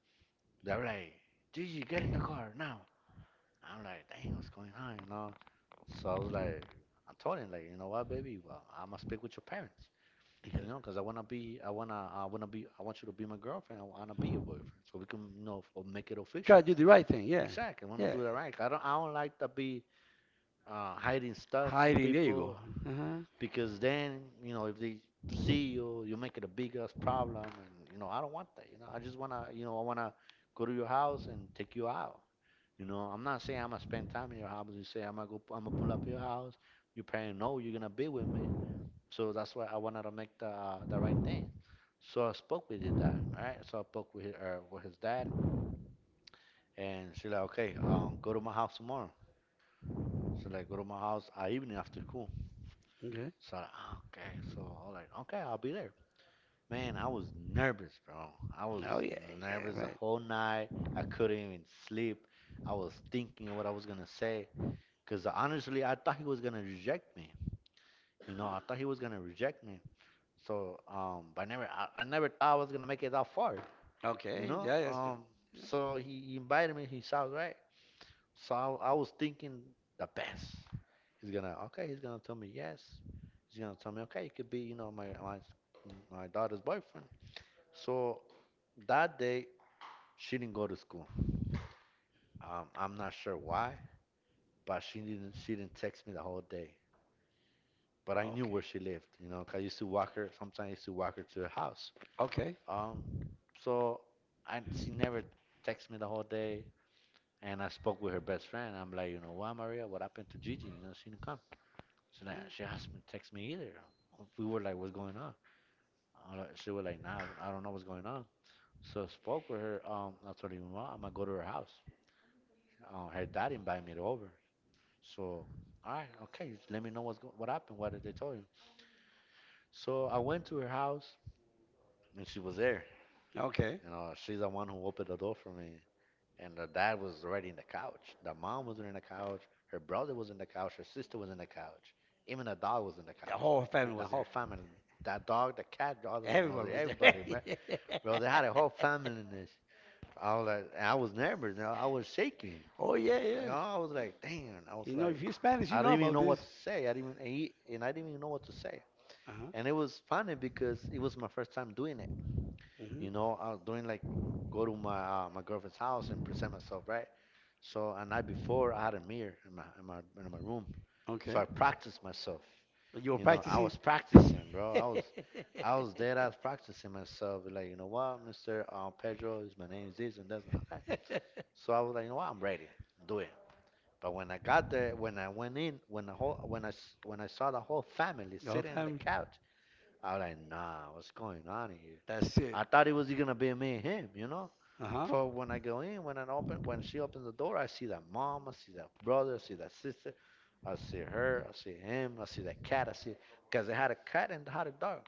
Speaker 2: they were like, "Gigi, get in the car now." I'm like, "Dang, what's going on?" You know. So I was like, I told him like, you know what, baby, I'm gonna speak with your parents,
Speaker 1: yeah,
Speaker 2: you know, because I wanna be, I want you to be my girlfriend. I wanna be your boyfriend, so we can, you know, make it
Speaker 1: try
Speaker 2: official.
Speaker 1: to do the right thing. Yeah.
Speaker 2: Exactly, I wanna
Speaker 1: Yeah.
Speaker 2: do that right. I don't like to be hiding stuff from
Speaker 1: Hiding. There you go.
Speaker 2: people
Speaker 1: Uh-huh.
Speaker 2: because then, you know, if they see you, you make it a big ass problem, and you know, I don't want that. You know, I wanna go to your house and take you out. You know, I'm not saying I'm gonna spend time in your house. You say I'm gonna go, I'm gonna pull up your house. Your parents know you're gonna be with me, so that's why I wanted to make the right thing. So I spoke with his dad, right? So I spoke with his dad, and she like, okay, go to my house tomorrow. So like, go to my house evening after school.
Speaker 1: Okay.
Speaker 2: So I like, "Ah, okay, so I'm like, okay, I'll be there. Man, I was nervous, bro. I was
Speaker 1: Oh, yeah. Yeah.
Speaker 2: nervous the
Speaker 1: Right.
Speaker 2: whole night. I couldn't even sleep. I was thinking what I was gonna say. Because honestly, I thought he was gonna reject me. You know, I thought he was gonna reject me. So, but I never thought I was gonna make it that far. You
Speaker 1: Okay.
Speaker 2: know,
Speaker 1: Yeah. That's,
Speaker 2: so he invited me. He sounds right. So I was thinking the best. He's gonna, okay, he's gonna tell me yes. He's gonna tell me, okay, you could be, you know, my daughter's boyfriend. So that day, she didn't go to school. I'm not sure why, but she didn't text me the whole day, but I knew where
Speaker 1: okay.
Speaker 2: she lived, you know, 'cause I used to walk her, sometimes I used to walk her to her house.
Speaker 1: Okay.
Speaker 2: Um, so I, she never texted me the whole day, and I spoke with her best friend. I'm like, you know, why Maria? What happened to Gigi? You know, she didn't come. She's like, she
Speaker 1: Yeah.
Speaker 2: hasn't been text me either. We were like, what's going on? I'm like- She was like, nah, I don't know what's going on. So I spoke with her. I told her, mom, I'm gonna go to her house. Her dad invited me to over. So, all right, okay, just let me know what's what happened. What did they tell you? So I went to her house, and she was there.
Speaker 1: Okay.
Speaker 2: You know, she's the one who opened the door for me. And the dad was already in the couch. The mom was in the couch. Her brother was in the couch. Her sister was in the couch. Even the dog was in the
Speaker 1: The
Speaker 2: couch.
Speaker 1: whole
Speaker 2: Yeah,
Speaker 1: family
Speaker 2: the
Speaker 1: was
Speaker 2: whole
Speaker 1: there.
Speaker 2: family. That dog, the cat, the other one,
Speaker 1: Everyone
Speaker 2: was-
Speaker 1: was there.
Speaker 2: everybody, man. Bro, they had a whole family in this. I was like, I was nervous. You know, I was shaking.
Speaker 1: Oh yeah,
Speaker 2: Like,
Speaker 1: yeah.
Speaker 2: oh, I was like, damn. I was
Speaker 1: You know, if
Speaker 2: like,
Speaker 1: you're Spanish, you
Speaker 2: I
Speaker 1: know
Speaker 2: didn't even
Speaker 1: about
Speaker 2: know
Speaker 1: this.
Speaker 2: what to say. I didn't even know what to say.
Speaker 1: Uh huh.
Speaker 2: And it was funny because it was my first time doing it, you
Speaker 1: Hmm.
Speaker 2: know, I was doing like go to my my girlfriend's house and present myself, right? So a night before, I had a mirror in my room, so
Speaker 1: Okay.
Speaker 2: I practiced myself.
Speaker 1: You were
Speaker 2: You know, I
Speaker 1: practicing.
Speaker 2: was practicing, bro.
Speaker 1: The
Speaker 2: I was there. I was practicing myself. Like, you know what, Mister Pedro, is my name is this and that's okay. So I was like, you know what, I'm ready. Do it. But when I got there, when I went in, when the whole when I s- when I saw the whole family
Speaker 1: whole
Speaker 2: sitting on the
Speaker 1: family.
Speaker 2: couch, I was like, nah, what's going on here?
Speaker 1: That's it.
Speaker 2: I thought it was gonna be me and him, you know.
Speaker 1: Uh huh.
Speaker 2: But when I go in, when I open, when she opens the door, I see that mom, I see that brother, I see that sister, I see her, I see him, I see that cat, I see because they had a cat and they had a dog.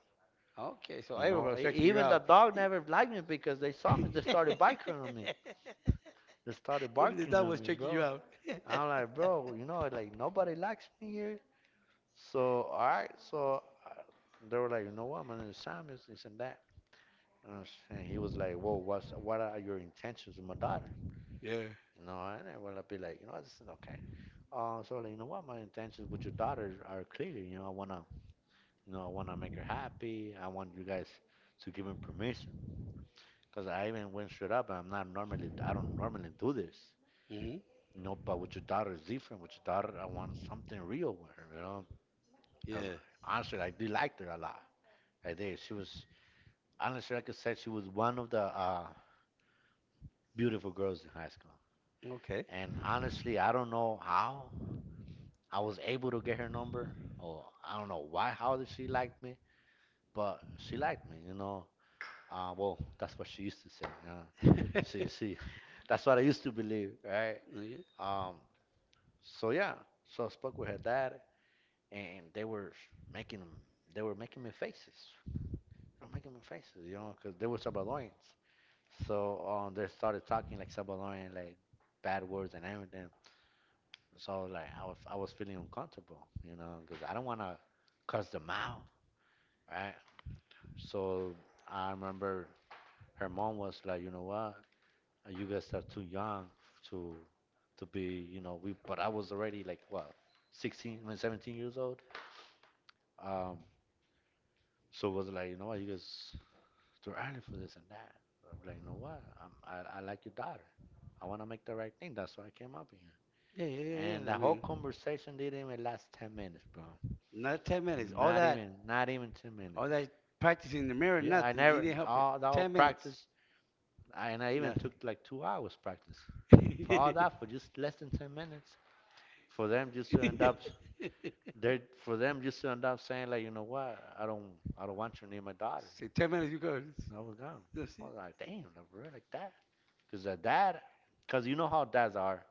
Speaker 1: Okay, so
Speaker 2: You
Speaker 1: everyone
Speaker 2: know,
Speaker 1: was checking you
Speaker 2: Even the
Speaker 1: out.
Speaker 2: dog never liked me because they saw me, they started
Speaker 1: Even the
Speaker 2: barking
Speaker 1: dog was
Speaker 2: on me,
Speaker 1: checking you
Speaker 2: bro.
Speaker 1: out.
Speaker 2: I'm like, bro, you know, like nobody likes me here. So all right, so uh, they were like, you know what, my name is Samuel, this and that. And he was like, whoa, what's what are your intentions with my daughter?"
Speaker 1: Yeah.
Speaker 2: You know, and I would be like, "You know, this is okay. So like, you know what, my intentions with your daughter are clear. You know, I wanna make her happy. I want you guys to give me permission, cause I even went straight up. I'm not normally, I don't normally do this.
Speaker 1: Hmm.
Speaker 2: You know, but with your daughter it's different. With your daughter, I want something real with her. You know, cause
Speaker 1: Yeah.
Speaker 2: honestly, I did like her a lot. I did. She was honestly, like I could say she was one of the beautiful girls in high school.
Speaker 1: Okay.
Speaker 2: And honestly, I don't know how I was able to get her number, or I don't know why. How did she like me? But she liked me, you know. Well, that's what she used to say. You know?
Speaker 1: Yeah,
Speaker 2: She, she, that's what I used to believe, right?
Speaker 1: yeah,
Speaker 2: Um, so yeah, so I spoke with her dad, and making, they were making me faces, they were making me faces, you know, because they were Salvadorians. So they started talking like Salvadorian, like bad words and everything. So I was feeling uncomfortable, you know, because I don't want to cuss them out, right? So I remember her mom was like, you know what? And you guys are too young to to be, you know, we. But I was already like what, 16, I mean, 17 years old. Um, so it was like, you know what, you guys too early for this and that. But I'm like, you know what, I like your daughter. I want to make the right thing. That's why I came up
Speaker 1: yeah,
Speaker 2: here.
Speaker 1: yeah.
Speaker 2: And the
Speaker 1: I
Speaker 2: whole
Speaker 1: mean.
Speaker 2: conversation didn't even last 10 minutes, bro.
Speaker 1: Not 10 minutes.
Speaker 2: Not even, not even 10 minutes.
Speaker 1: All that practicing in the mirror,
Speaker 2: Yeah, I
Speaker 1: nothing. It
Speaker 2: never,
Speaker 1: didn't help it.
Speaker 2: all, the whole
Speaker 1: 10 minutes,
Speaker 2: practice, and I even
Speaker 1: nothing.
Speaker 2: took like 2 hours practice for that, for just less than 10 minutes, for them just to end up there, for them just to end up saying like, you know what, I don't want you near my daughter.
Speaker 1: See, 10 minutes, you go.
Speaker 2: I was gone.
Speaker 1: That's
Speaker 2: I
Speaker 1: it.
Speaker 2: was like, damn, I really like that. Because a dad, because you know how dads are,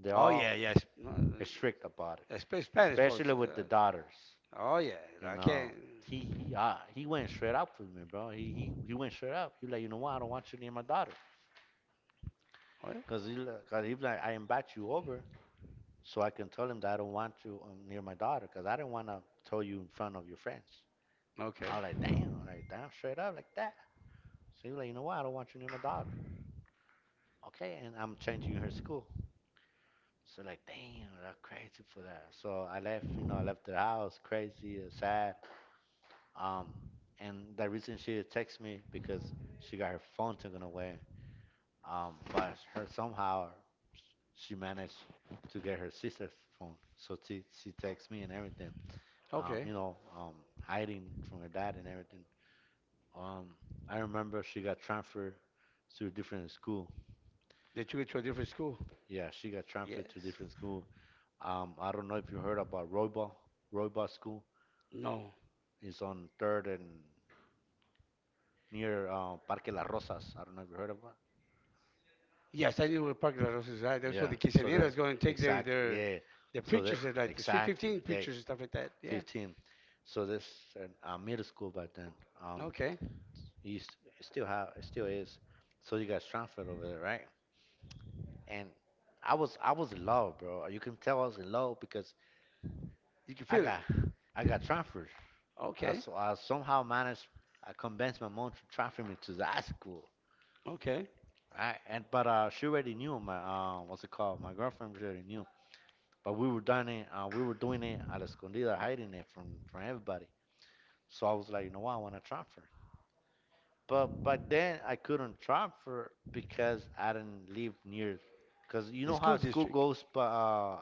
Speaker 2: they're
Speaker 1: Oh,
Speaker 2: all
Speaker 1: yeah, yes. No,
Speaker 2: strict about it,
Speaker 1: especially Spanish folks.
Speaker 2: especially with the daughters,
Speaker 1: Oh, yeah.
Speaker 2: you
Speaker 1: I
Speaker 2: know.
Speaker 1: can't.
Speaker 2: He went straight up with me, bro. He went straight up. He like, you know what, I don't want you near my daughter.
Speaker 1: What?
Speaker 2: Because 'cause he was like, I invite you over so I can tell him that I don't want you near my daughter, because I didn't want to tell you in front of your friends.
Speaker 1: Okay.
Speaker 2: I was like, damn, I'm like, damn, straight up like that. So he was like, you know what? I don't want you near my daughter. Okay, and I'm changing her school. So like, damn, that's crazy for that. So I left, you know, I left the house crazy and sad. Um, and the reason she had text me because she got her phone taken away. But her somehow she managed to get her sister's phone. So she texts me and everything,
Speaker 1: Okay.
Speaker 2: you know, hiding from her dad and everything. Um, I remember she got transferred to a different school.
Speaker 1: Did you go to a different school?
Speaker 2: Yeah, she got
Speaker 1: Yes.
Speaker 2: transferred to a different school. I don't know if you heard about Roybal. Roybal School
Speaker 1: No.
Speaker 2: is on Third and near Parque Las Rosas. I don't know if you heard about.
Speaker 1: Yes, I knew where Parque La Rosa is at. That's where
Speaker 2: Yeah,
Speaker 1: the
Speaker 2: so that
Speaker 1: quinceañeras go and take their,
Speaker 2: exactly,
Speaker 1: their,
Speaker 2: yeah.
Speaker 1: their
Speaker 2: So that
Speaker 1: preachers, at, like the Sweet
Speaker 2: exactly,
Speaker 1: 15
Speaker 2: they
Speaker 1: preachers and stuff like that. Yeah.
Speaker 2: 15. So this an middle school back then. Um,
Speaker 1: Okay.
Speaker 2: You still have, it still is. So you got transferred over there, right? And I was in love, bro. You can tell I was in love because
Speaker 1: You can
Speaker 2: I
Speaker 1: feel it.
Speaker 2: got, I got transferred. I,
Speaker 1: Okay,
Speaker 2: so I somehow managed, I convinced my mom to transfer me to the high school,
Speaker 1: okay.
Speaker 2: right? And but she already knew my, what's it called? My girlfriend already knew. But we were doing it, we were doing it at escondida, hiding it from everybody. So I was like, you know what? I want to transfer. But back then I couldn't transfer because I didn't live near. Because you
Speaker 1: The
Speaker 2: know
Speaker 1: school
Speaker 2: how school
Speaker 1: district,
Speaker 2: goes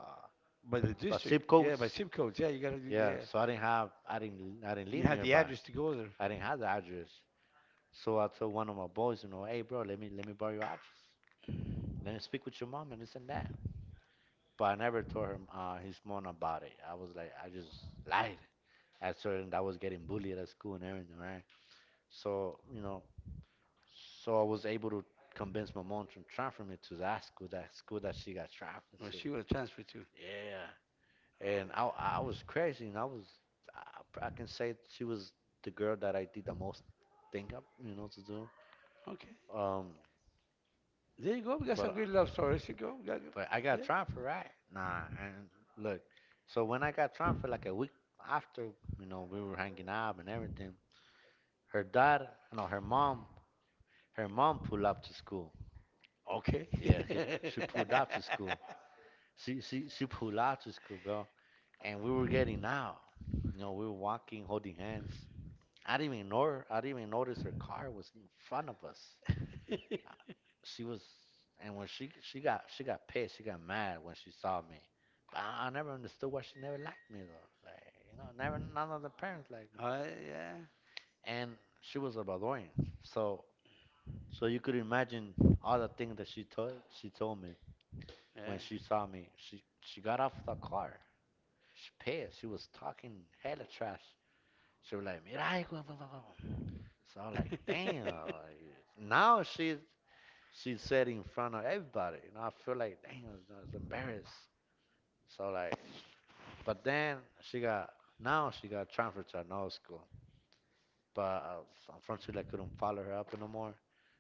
Speaker 1: the
Speaker 2: by
Speaker 1: district,
Speaker 2: zip
Speaker 1: yeah, by
Speaker 2: codes?
Speaker 1: zip codes, yeah, you gotta,
Speaker 2: Yeah,
Speaker 1: yeah,
Speaker 2: so I didn't
Speaker 1: you
Speaker 2: live
Speaker 1: have the
Speaker 2: nearby.
Speaker 1: address to go there,
Speaker 2: I didn't have the address. So I told one of my boys, you know, hey bro, let me borrow your address. Let me speak with your mom and this and that. But I never told him, his mom about it. I was like, I just lied. I told him that I was getting bullied at school and everything, right? So, you know, so I was able to convince my mom to transfer me to that school, that school that she got transferred
Speaker 1: or
Speaker 2: to.
Speaker 1: she will transfer to.
Speaker 2: Yeah, and I was crazy, and I can say she was the girl that I did the most thing of, you know, to do.
Speaker 1: Okay,
Speaker 2: Um,
Speaker 1: there you go. We got
Speaker 2: but uh,
Speaker 1: some good love stories to go. We got,
Speaker 2: but I got
Speaker 1: yeah,
Speaker 2: transferred, right? Nah, and look, so when I got transferred, like a week after, you know, we were hanging out and everything. Her dad, no, her mom pulled up to school.
Speaker 1: okay.
Speaker 2: Yeah, she pulled up to school, she pulled out to school, girl, and we were getting out. You know, we were walking, holding hands. I didn't even know her. I didn't even notice her car was in front of us. She was, and when she got pissed, she got mad when she saw me. But I never understood why she never liked me though. Like you know, never none of the parents liked me.
Speaker 1: Yeah,
Speaker 2: And she was a Salvadorian, so you could imagine all the things that she told me when she saw me. She got off the car. She pissed. She was talking hella trash. She was like, Mirai, guau, guau, guau, so I'm like, damn.
Speaker 1: yeah.
Speaker 2: Like, now she said in front of everybody, you know. I feel like, damn, I was embarrassed. So like, but then she got now she got transferred to another school, but unfortunately I couldn't follow her up no more.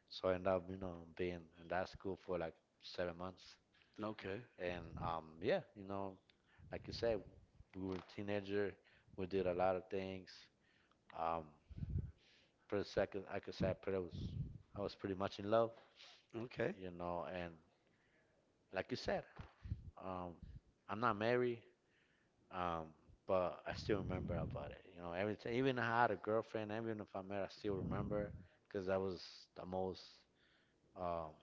Speaker 2: So I ended up, you know, being in that school for like 7 months.
Speaker 1: Okay,
Speaker 2: And yeah, you know, like you said, we were a teenager. We did a lot of things. Um, for a second, like I said, I was pretty much in love,
Speaker 1: okay.
Speaker 2: you know. And like you said, um, I'm not married, um, but I still remember about it. You know, everything, even if I had a girlfriend, even if I am married, I still remember because that was um,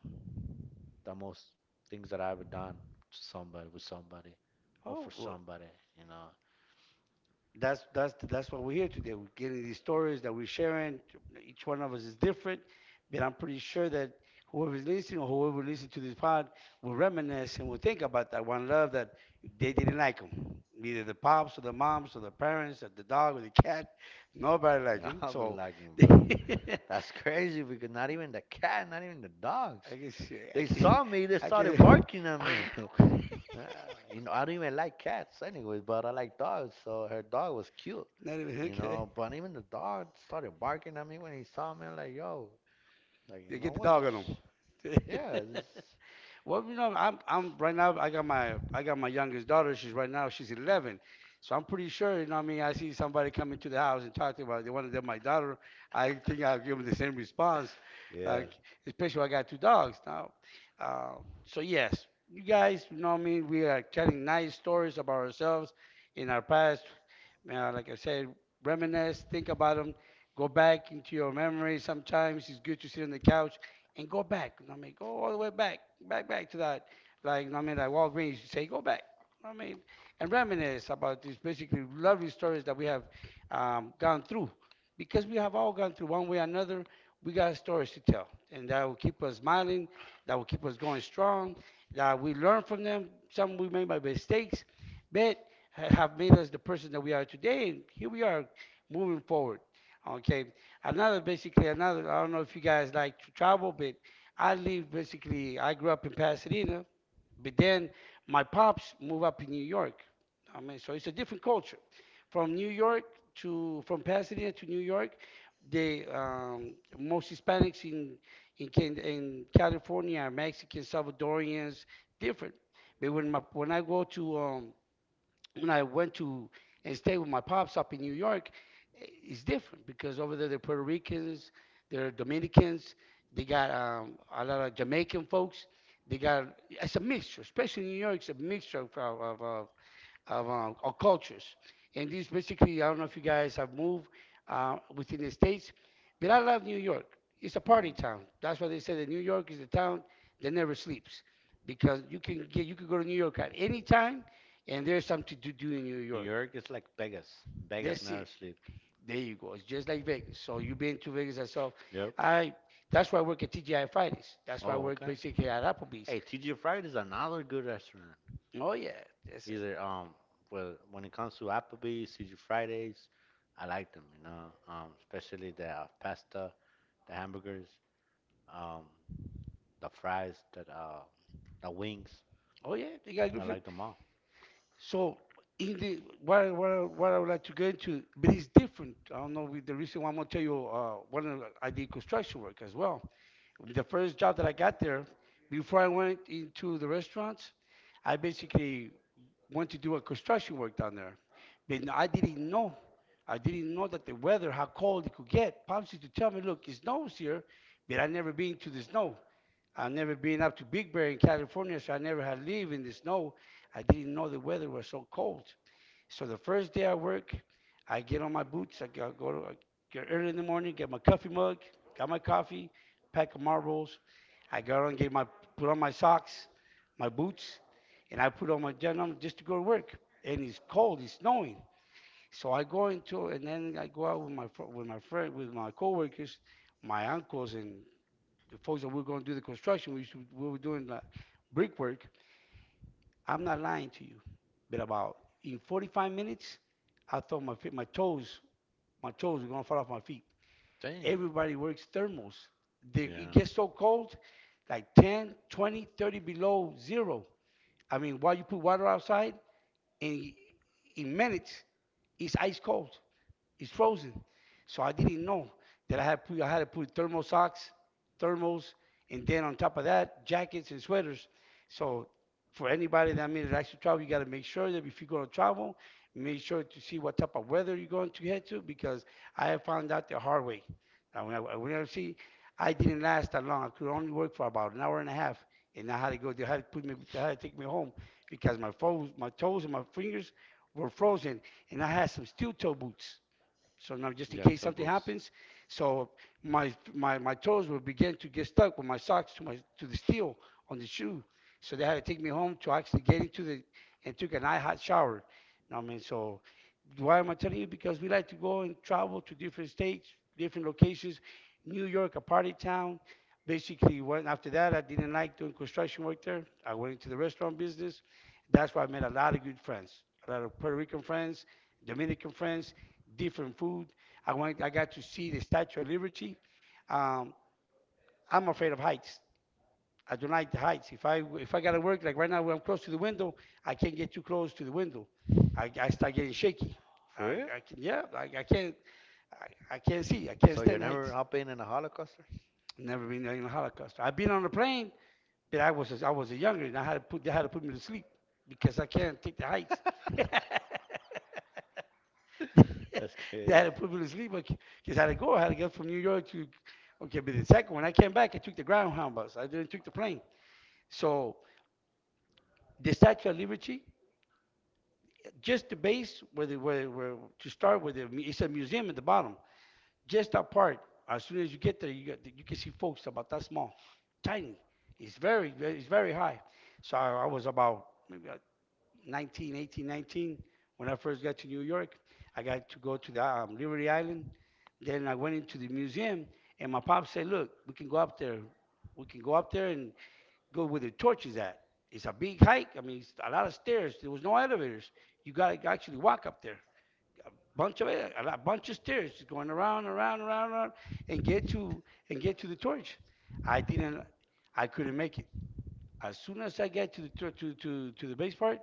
Speaker 2: the most things that I ever done to somebody with somebody, or for
Speaker 1: Oh, well,
Speaker 2: somebody. You know,
Speaker 1: that's that's what we're here today. We're getting these stories that we're sharing. Each one of us is different, but I'm pretty sure that whoever's listening or whoever listens to this pod will reminisce and will think about that one love that they didn't like them. Either the pops or the moms or the parents or the dog or the cat, nobody liked them.
Speaker 2: nobody
Speaker 1: So
Speaker 2: like me, bro.
Speaker 1: I
Speaker 2: That's crazy because not even the cat, not even the dogs.
Speaker 1: guess I
Speaker 2: They
Speaker 1: can
Speaker 2: saw me. They
Speaker 1: I
Speaker 2: started
Speaker 1: can
Speaker 2: barking at me. Ah, you know, I don't even like cats, anyways, but I like dogs. So her dog was cute,
Speaker 1: not even
Speaker 2: you
Speaker 1: okay.
Speaker 2: know. But even the dog started barking at me when he saw me. I'm like, yo, like you
Speaker 1: They
Speaker 2: know
Speaker 1: get the
Speaker 2: what?
Speaker 1: dog on
Speaker 2: Just
Speaker 1: them.
Speaker 2: yeah, just,
Speaker 1: Well, you know, I'm right now. I got my youngest daughter. She's right now. She's 11. So I'm pretty sure. You know, what I mean, I see somebody come into the house and talk to about they want to date my daughter. I think I'll give them the same response.
Speaker 2: yeah.
Speaker 1: Like, especially when I got two dogs now. Uh, so yes, you guys, you know, what I mean, we are telling nice stories about ourselves in our past. Like I said, reminisce, think about them, go back into your memories. Sometimes it's good to sit on the couch and go back. You know what I mean? Go all the way back, back, back to that, like, you know what I mean? Like Walgreens, you say, go back. You know what I mean? And reminisce about these basically lovely stories that we have gone through. Because we have all gone through one way or another, we got stories to tell. And that will keep us smiling, that will keep us going strong, that we learn from them. Some we made by mistakes, but have made us the person that we are today. And here we are moving forward. Okay, another basically another. I don't know if you guys like to travel, but I live basically. I grew up in Pasadena, but then my pops moved up in New York. I mean, so it's a different culture. From New York from Pasadena to New York, they most Hispanics in California are Mexican, Salvadorians, different. But when my, when I go to when I went to and stayed with my pops up in New York, it's different because over there they're Puerto Ricans, they're Dominicans, they got a lot of Jamaican folks. They got It's a mixture, especially in New York. It's a mixture of our cultures. And this basically, I don't know if you guys have moved within the states, but I love New York. It's a
Speaker 2: Mhm.
Speaker 1: party town. That's why they say that New York is a town that never sleeps, because you can go to New York at any time, and there's something to do in New
Speaker 2: New
Speaker 1: York.
Speaker 2: York is like Vegas. Vegas
Speaker 1: That's
Speaker 2: never
Speaker 1: it.
Speaker 2: sleep.
Speaker 1: There you go. It's just like Vegas. So you've been to Vegas yourself.
Speaker 2: Yep.
Speaker 1: I. That's why I work at TGI Fridays. That's why I
Speaker 2: Oh,
Speaker 1: work
Speaker 2: okay.
Speaker 1: basically at Applebee's.
Speaker 2: Hey, TG Fridays is another good restaurant.
Speaker 1: Oh yeah, that's it.
Speaker 2: Either well, when it comes to Applebee's, CG Fridays, I like them. You know, especially the pasta, the hamburgers, um, the fries, that the wings.
Speaker 1: Oh yeah, they got
Speaker 2: I
Speaker 1: good food.
Speaker 2: like them all.
Speaker 1: So in the what I- what I- what I would like to get into, but it's different. I don't know with the reason why I'm gonna tell you. One, I did construction work as well. The first job that I got there, before I went into the restaurants, I basically went to do a construction work down there. But I didn't know. I didn't know that the weather, how cold it could get. Pops used to tell me, look, it snows here, but I never been to the snow. I never been up to Big Bear in California, so I never had lived in the snow. I didn't know the weather was so cold. So the first day I work, I get on my boots. I go, go to, I get early in the morning, get my coffee mug, got my coffee, pack of marbles. Get my put on my socks, my boots, and I put on my denim just to go to work. And it's cold, it's snowing. So I go into and then I go out with my fr- with my friend with my coworkers, my uncles and the folks that we are going to do the construction. We were doing like brickwork. I'm not lying to you. But about in 45 minutes, I thought my feet, my toes were gonna fall off my feet.
Speaker 2: Damn.
Speaker 1: Everybody works thermals. It
Speaker 2: Yeah.
Speaker 1: gets so cold, like 10, 20, 30 below zero. I mean, while you put water outside, in in minutes, it's ice cold. It's frozen. So I didn't know that I had to put thermal socks, thermals, and then on top of that, jackets and sweaters. So for anybody that made it actually travel, you got to make sure that if you're going to travel, make sure to see what type of weather you're going to head to because I have found out the hard way. Now, when I see, I didn't last that long. I could only work for about an hour and a half, and I had to go. They had to put me. They had to take me home because my toes and my fingers were frozen, and I had some steel toe boots. So now, just in
Speaker 2: Yeah,
Speaker 1: case something
Speaker 2: tailboats.
Speaker 1: happens, so my toes would begin to get stuck with my socks to the steel on the shoe. So they had to take me home to actually get into the and took an hot shower. You know what I mean, so why am I telling you? Because we like to go and travel to different states, different locations. New York, a party town. Basically, went after that. I didn't like doing construction work there. I went into the restaurant business. That's where I met a lot of good friends, a lot of Puerto Rican friends, Dominican friends, different food. I got to see the Statue of Liberty. Um, I'm afraid of heights. I don't like the heights. If I gotta work like right now, when I'm close to the window, I can't get too close to the window. I start getting shaky.
Speaker 2: For real?
Speaker 1: I can yeah, I can't see. I can't
Speaker 2: So you're
Speaker 1: stand the
Speaker 2: never
Speaker 1: heights.
Speaker 2: hopping in a Holocaust?
Speaker 1: Never been in a Holocaust. I've been on a plane, but I was a younger, and I had to put they had to put me to sleep because I can't take the heights.
Speaker 2: That's
Speaker 1: They
Speaker 2: crazy.
Speaker 1: had to put me to sleep because I had to go. I had to get from New York to okay, but the second when I came back, I took the groundhound bus. I didn't take the plane. So the Statue of Liberty, just the base where the where to start with the it's a museum at the bottom. Just that part. As soon as you get there, you got, you can see folks about that small, tiny. It's very high. So I was about maybe 19, 18, 19, when I first got to New York, I got to go to the Liberty Island. Then I went into the museum, and my pops said, "Look, we can go up there. We can go up there and go where the torch is at. It's a big hike. I mean, it's a lot of stairs. There was no elevators. You got to actually walk up there. Bunch of a bunch of stairs, just going around, around, around, around, and get to the torch. I didn't. I couldn't make it. As soon as I get to the base part,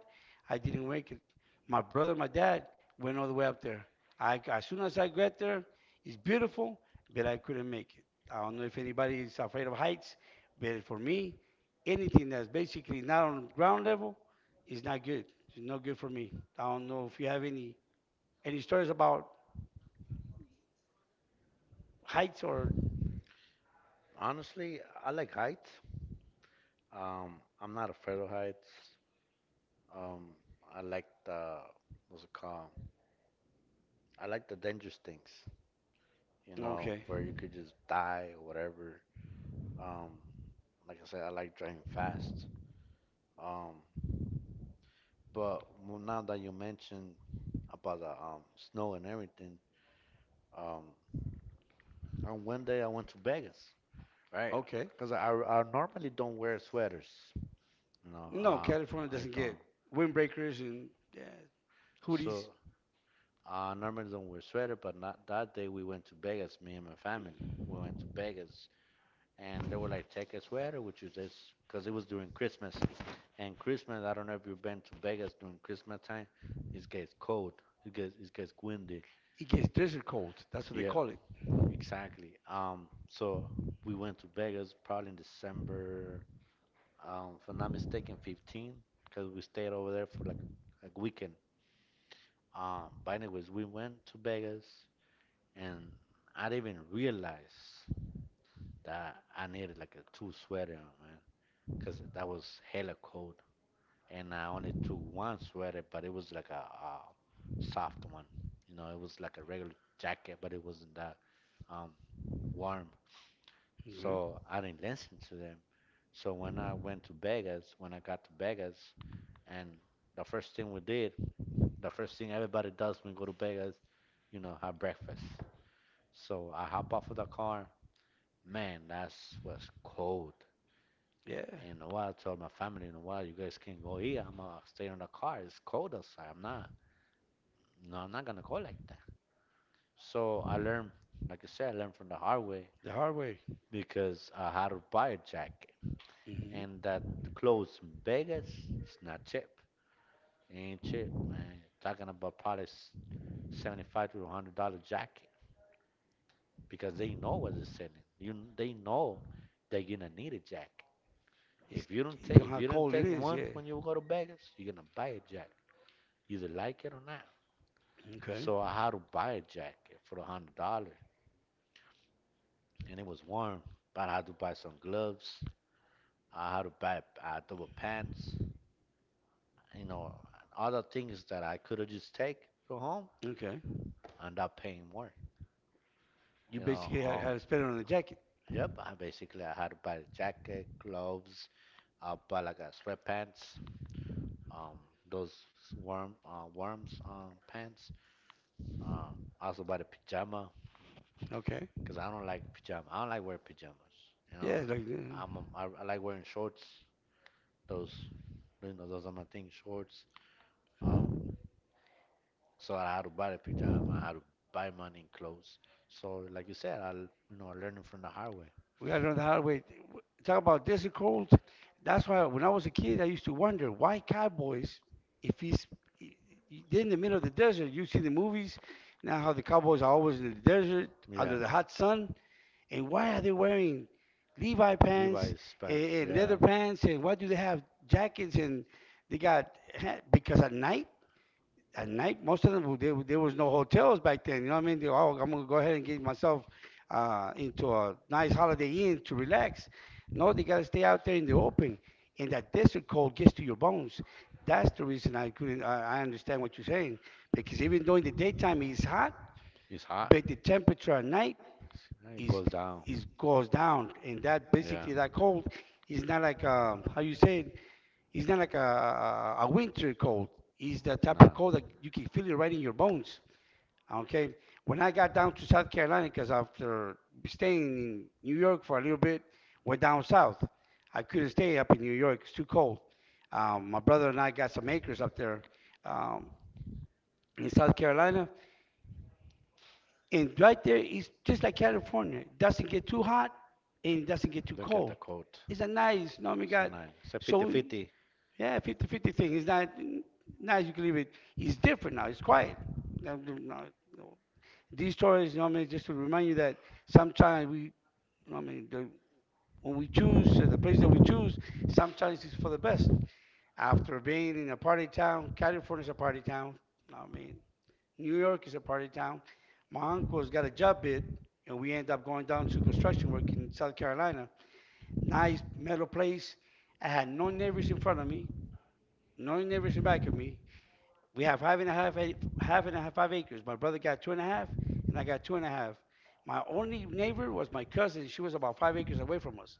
Speaker 1: I didn't make it. My brother, my dad went all the way up there. I as soon as I got there, it's beautiful, but I couldn't make it. I don't know if anybody is afraid of heights, but for me, anything that's basically not on ground level is not good. It's not good for me. I don't know if you have any stories about heights or
Speaker 2: Honestly, I like heights. Um, I'm not afraid of heights. Um, I like the what's it called? I like the dangerous things. You know,
Speaker 1: okay.
Speaker 2: where you could just die or whatever. Um, like I said, I like driving fast. Um, but Now that you mentioned about the snow and everything, um, on one day I went to Vegas, right?
Speaker 1: Okay.
Speaker 2: Because I normally don't wear sweaters. You know,
Speaker 1: No, California
Speaker 2: I
Speaker 1: doesn't
Speaker 2: don't.
Speaker 1: get windbreakers and uh, hoodies.
Speaker 2: So normally don't wear sweater, but not that day. We went to Vegas, me and my family. We went to Vegas, and they were like, "Take a sweater," which is this, because it was during Christmas. And Christmas, I don't know if you've been to Vegas during Christmas time. It gets cold. It gets windy.
Speaker 1: It gets desert cold. That's what they
Speaker 2: Yeah,
Speaker 1: call it.
Speaker 2: exactly. So we went to Vegas probably in December, if I'm not mistaken, 15, because we stayed over there for like a weekend. But anyways, we went to Vegas and I didn't even realize that I needed like a two sweater, man, because that was hella cold, and I only took one sweater, but it was like a soft one, you know, it was like a regular jacket, but it wasn't that um, warm.
Speaker 1: Hmm.
Speaker 2: So I didn't listen to them. So when I went to Vegas, when I got to Vegas, and the first thing we did, the first thing everybody does when we go to Vegas, you know, have breakfast. So I hop off of the car. Man, that's was cold.
Speaker 1: Yeah,
Speaker 2: And you know what? I told my family, you know what? You guys can't go here. I'm gonna stay in the car. It's cold outside. I'm not. No, I'm not gonna go like that. So I learned, like I said, I learned from the hard way
Speaker 1: the hard way.
Speaker 2: because I had to buy a jacket.
Speaker 1: Hmm.
Speaker 2: And that clothes in Vegas, it's not cheap. It ain't cheap, man. Talking about probably 75 to $100 jacket because they know what they're selling. You, they know they're gonna need a jacket.
Speaker 1: It's,
Speaker 2: If you
Speaker 1: you know how
Speaker 2: didn't
Speaker 1: cold it
Speaker 2: take
Speaker 1: is.
Speaker 2: one
Speaker 1: Yeah.
Speaker 2: when you go to Vegas, you're gonna buy a Jack, either like it or not.
Speaker 1: Okay.
Speaker 2: So I had to buy a jacket for $100, and it was warm. But I had to buy some gloves. I had to buy double pants. You know, other things that I could have just take from home
Speaker 1: Okay.
Speaker 2: and not paying more.
Speaker 1: You
Speaker 2: You know,
Speaker 1: basically had, had to spend it on a jacket.
Speaker 2: yep, I had to buy a jacket, gloves, I bought like a sweatpants, um, those worm worms pants. Um, Also bought a pajama
Speaker 1: Okay.
Speaker 2: because I don't like pajama. I don't like wearing pajamas. You know,
Speaker 1: Yeah. Like
Speaker 2: I'm a, I like wearing shorts. Those you know those are my thing, shorts. Um, so I had to buy the pajama. I had to buy money new clothes. So like you said, you know learning from the hard way.
Speaker 1: we got to learn the hard way. Talk about desert cold. That's why when I was a kid, I used to wonder why cowboys, if he's I- I- they're in the middle of the desert, you see the movies now how the cowboys are always in the desert
Speaker 2: Yeah,
Speaker 1: under the hot sun. And why are they wearing Levi pants
Speaker 2: Levi's
Speaker 1: and,
Speaker 2: pants.
Speaker 1: and
Speaker 2: Yeah,
Speaker 1: leather pants? And why do they have jackets? And they got because at night, most of them there, there was no hotels back then. You know what I mean? Oh, I'm gonna go ahead and get myself into a nice Holiday Inn to relax. No, they gotta stay out there in the open, and that desert cold gets to your bones. That's the reason I couldn't. I understand what you're saying because even though in the daytime it's hot,
Speaker 2: it's hot.
Speaker 1: but the temperature at night
Speaker 2: It goes
Speaker 1: is
Speaker 2: down.
Speaker 1: is goes down, and that
Speaker 2: Yeah,
Speaker 1: basically that cold is not like how you say it, it's not like a winter cold. It's the type
Speaker 2: no.
Speaker 1: of cold that you can feel it right in your bones. Okay, when I got down to South Carolina, because after staying in New York for a little bit, went down south. I couldn't stay up in New York; it's too cold. My brother and I got some acres up there um, in South Carolina, and right there is just like California. It doesn't get too hot and it doesn't get too
Speaker 2: Look at the
Speaker 1: cold.
Speaker 2: coat.
Speaker 1: It's a nice, you know, we
Speaker 2: It's a
Speaker 1: got,
Speaker 2: nine. It's a 50
Speaker 1: so we-
Speaker 2: 50.
Speaker 1: yeah, fifty-fifty thing. It's not, nice, you can leave it. It's different now, it's quiet. Now, no- no- no. These stories, you know what I mean, just to remind you that sometimes we, you know what I mean, when we choose, the place that we choose, sometimes it's for the best. After being in a party town, California's a party town. You know what I mean, New York is a party town. My uncle's got a job bid, and we end up going down to construction work in South Carolina. Nice metal place. I had no neighbors in front of me, no neighbors in back of me. We have five and a half, half and a half, 5 acres. My brother got two and a half, and I got two and a half. My only neighbor was my cousin. She was about 5 acres away from us,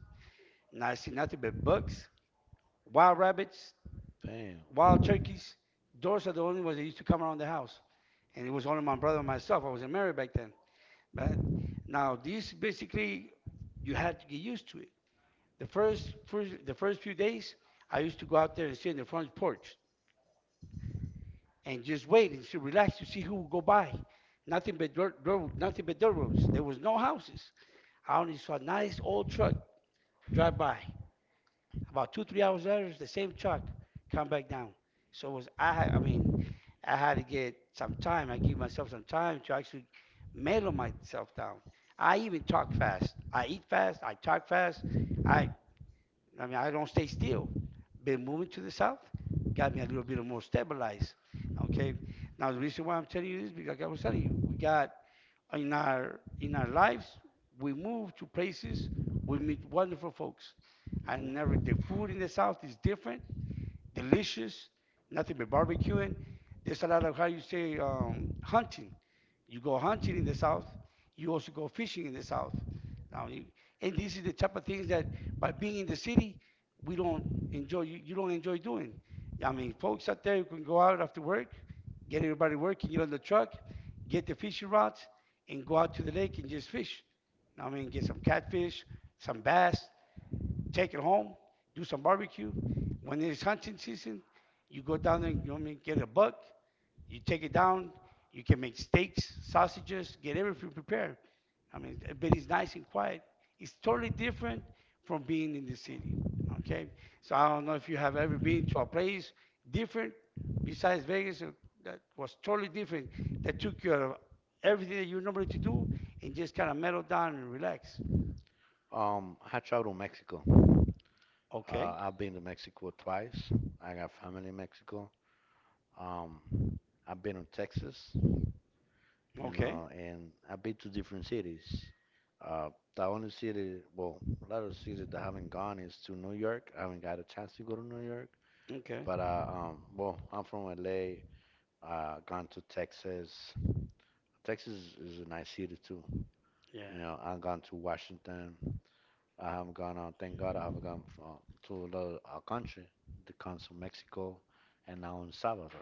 Speaker 1: and I see nothing but bucks, wild rabbits,
Speaker 2: Damn.
Speaker 1: wild turkeys. Doors are the only ones that used to come around the house. And it was only my brother and myself. I wasn't married back then. But now this basically you had to get used to it. The first few days, I used to go out there and sit in the front porch and just wait and just relax to see who would go by. Nothing but dirt, nothing but dirt roads. There was no houses. I only saw a nice old truck drive by. About two, 3 hours later, the same truck come back down. So it was I had I mean, I had to get some time. I give myself some time to actually mellow myself down. I even talk fast. I eat fast. I talk fast. I I don't stay still. Been moving to the south got me a little bit more stabilized. Okay. Now the reason why I'm telling you this because like I was telling you, we got in our lives. We move to places, we meet wonderful folks, and never the food in the South is different delicious, nothing but barbecuing. There's a lot of how you say hunting. You go hunting in the south. You also go fishing in the south. Now, and this is the type of things that by being in the
Speaker 2: Hmm.
Speaker 1: city, we don't enjoy. You don't enjoy doing. I mean, folks out there, you can go out after work, get everybody working, get on the truck, get the fishing rods, and go out to the lake and just fish. I mean, get some catfish, some bass, take it home, do some barbecue. When it's hunting season, you go down there, you know what I mean, get a buck, you take it down, you can make steaks, sausages, get everything prepared. I mean, but it's nice and quiet. It's totally different from being in the city. Okay, so I don't know if you have ever been to a place different besides Vegas that was totally different that took you out of everything that you normally to do and just kind of mellow down and relax.
Speaker 2: I traveled to Mexico.
Speaker 1: Okay,
Speaker 2: I've been to Mexico twice. I got family in Mexico. Um, I've been to Texas. You
Speaker 1: okay,
Speaker 2: know, and I've been to different cities. Uh, the only city, well, a lot of cities that I haven't gone is to New York. I haven't got a chance to go to New York,
Speaker 1: okay.
Speaker 2: but well, I'm from LA. Gone to Texas. Texas is a nice city too.
Speaker 1: Yeah.
Speaker 2: You know, I've gone to Washington. I haven't gone. Thank God, I haven't gone from, to another country. The cons of Mexico, and now in Salvador.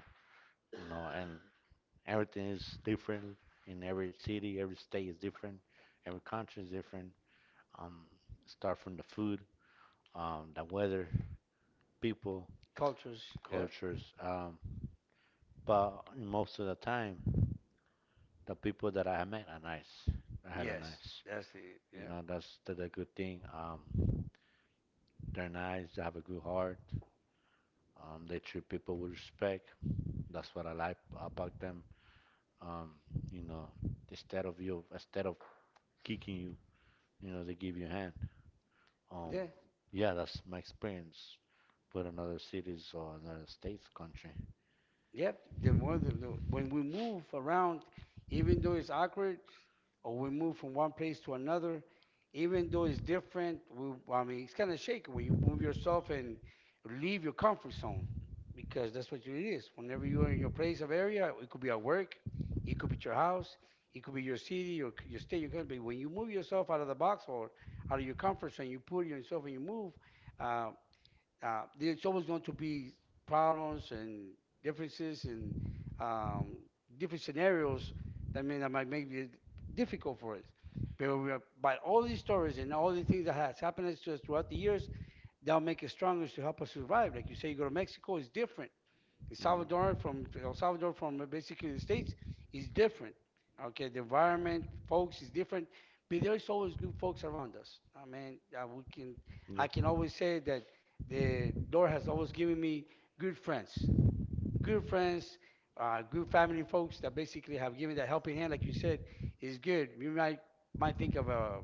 Speaker 2: You know, and everything is different in every city, every state is different, every country is different. Um, Start from the food, the weather, people,
Speaker 1: Cultures. Yeah.
Speaker 2: cultures. But most of the time, the people that I have met are nice. They're hella
Speaker 1: Yes.
Speaker 2: nice.
Speaker 1: That's the,
Speaker 2: You
Speaker 1: yeah.
Speaker 2: know, that's the good thing. They're nice. They have a good heart. They treat people with respect. That's what I like about them. Um, you know, instead of you, instead of kicking you, you know, they give you a hand. Um,
Speaker 1: Yeah.
Speaker 2: yeah, that's my experience with another cities or another states, country.
Speaker 1: Yep. The more the when we move around, even though it's awkward, or we move from one place to another, even though it's different, we, I mean, it's kind of shaky when you move yourself and leave your comfort zone because that's what it is. Whenever you are in your place of area, it could be at work, it could be at your house, it could be your city, your state, your country. When you move yourself out of the box or out of your comfort zone, you put yourself and you move. Uh, there's always going to be problems and differences and um, different scenarios that might make it difficult for us. But we are, by all these stories and all the things that has happened to us throughout the years, they'll make us stronger to help us survive. Like you say, you go to Mexico, it's different.
Speaker 2: Mhm.
Speaker 1: El Salvador from basically the States is different. Okay, the environment, folks, is different, but there's always good folks around us. I mean, we can, I
Speaker 2: Yeah.
Speaker 1: can always say that the Lord has always given me good friends good friends, good family folks that basically have given that helping hand, like you said, is good. You might think of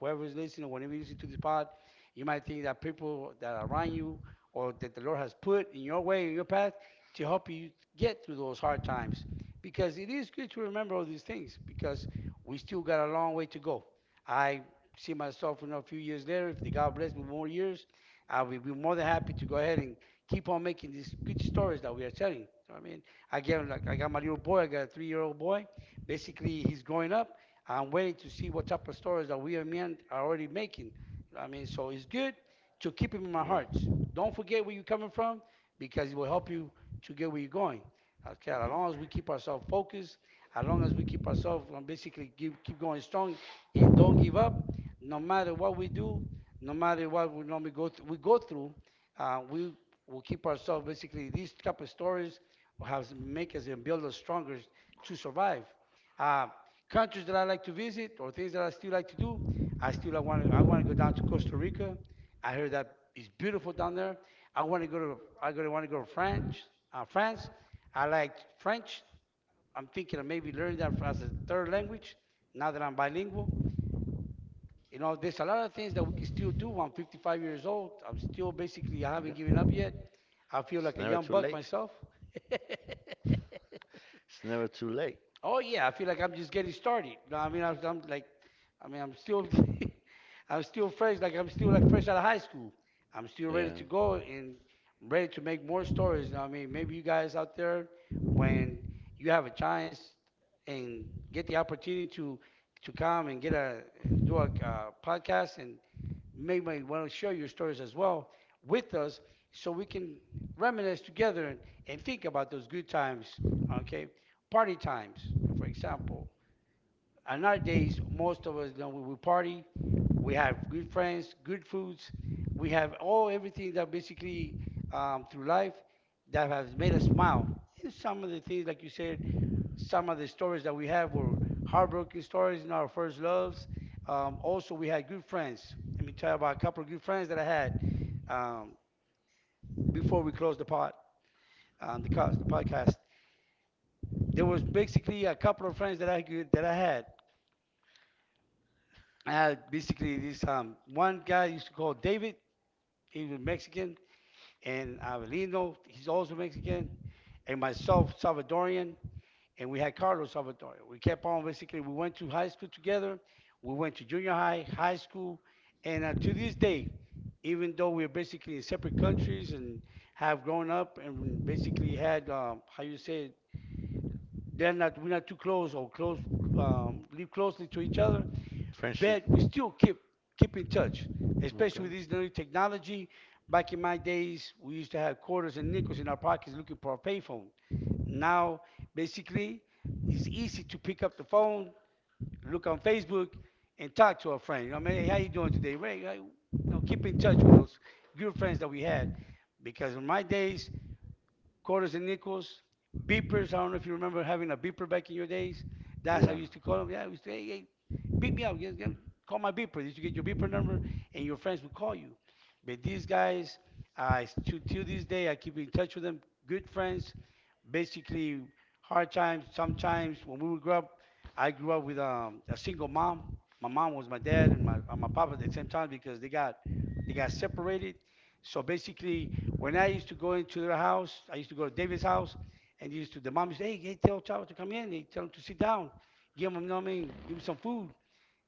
Speaker 1: whoever's listening, or whenever you listen to this pod, you might think that people that are around you or that the Lord has put in your way, in your path, to help you get through those hard times. Because it is good to remember all these things because we still got a long way to go. I see myself in a few years later, if the God bless me more years, I will be more than happy to go ahead and keep on making these good stories that we are telling. I mean, again, like I got my little boy, I got a 3-year-old boy. Basically, he's growing up. I'm waiting to see what type of stories that we and men are already making. I mean, so it's good to keep him in my heart. Don't forget where you're coming from because it will help you to
Speaker 2: Yeah.
Speaker 1: get where you're going. Okay, as long as we keep ourselves focused, as long as we keep ourselves basically keep going strong and don't give up, no matter what we do, no matter what we normally go through, uh, we We'll keep ourselves basically these type of stories will have make us and build us stronger to survive. Uh, Countries that I like to visit or things that I still like to do. I want to go down to Costa Rica. I heard that it's beautiful down there. I going to want to go to France. Uh, France. I like French. I'm thinking of maybe learning that as a third language now that I'm bilingual. You know, there's a lot of things that we can still do. I'm 55 years old. I'm still basically, I haven't given up yet. I feel like a young buck myself.
Speaker 2: It's never too late. And
Speaker 1: Oh yeah, I feel like I'm just getting started. No, I mean, I'm like, I mean, I'm still fresh. Like I'm still like fresh out of high school. I'm still ready to go and ready to make more stories. You know what I mean, maybe you guys out there, when you have a chance and get the opportunity to come and get a do a podcast and may want to share your stories as well with us so we can reminisce together and think about those good times, okay? Party times, for example. In our days, most of us, you know, we, party, we have good friends, good foods, we have all everything that basically through life that has made us smile. And some of the things, like you said, some of the stories that we have were heartbroken stories in our first loves. Also, we had good friends. Let me tell you about a couple of good friends that I had um, before we closed the pod, the podcast. There was basically a couple of friends that I could, that I had. I had basically this one guy I used to call David. He was Mexican, and Avelino, he's also Mexican, and myself, Salvadorian, and we had Carlos Salvatore. We kept on basically. We went to high school together. We went to junior high, high school, and to this day, even though we're basically in separate countries and have grown up and basically had how you say they're not we're not too close or close live closely to each other, but we still keep in touch, especially with this new technology. Back in my days, we used to have quarters and nickels in our pockets looking for a payphone. Now, basically, it's easy to pick up the phone, look on Facebook, and talk to a friend. You know, I mean, hey, how you doing today, Ray? I, you know, keep in touch with those good friends that we had, because in my days, quarters and nickels, beepers. I don't know if you remember having a beeper back in your days. That's how I
Speaker 2: yeah.
Speaker 1: used to call them. Yeah, I used to, hey, beep me up. Call my beeper. Did you get your beeper number? And your friends would call you. But these guys, I to till this day, I keep in touch with them. Good friends. Basically, hard times. Sometimes when we would grow up, I grew up with a single mom. My mom was my dad and my papa at the same time because they got separated. So basically, when I used to go into their house, I used to go to David's house, and used to, the mom used to say, hey, tell Chavo to come in. They tell him to sit down. Give him, you know what I mean? Give him some food.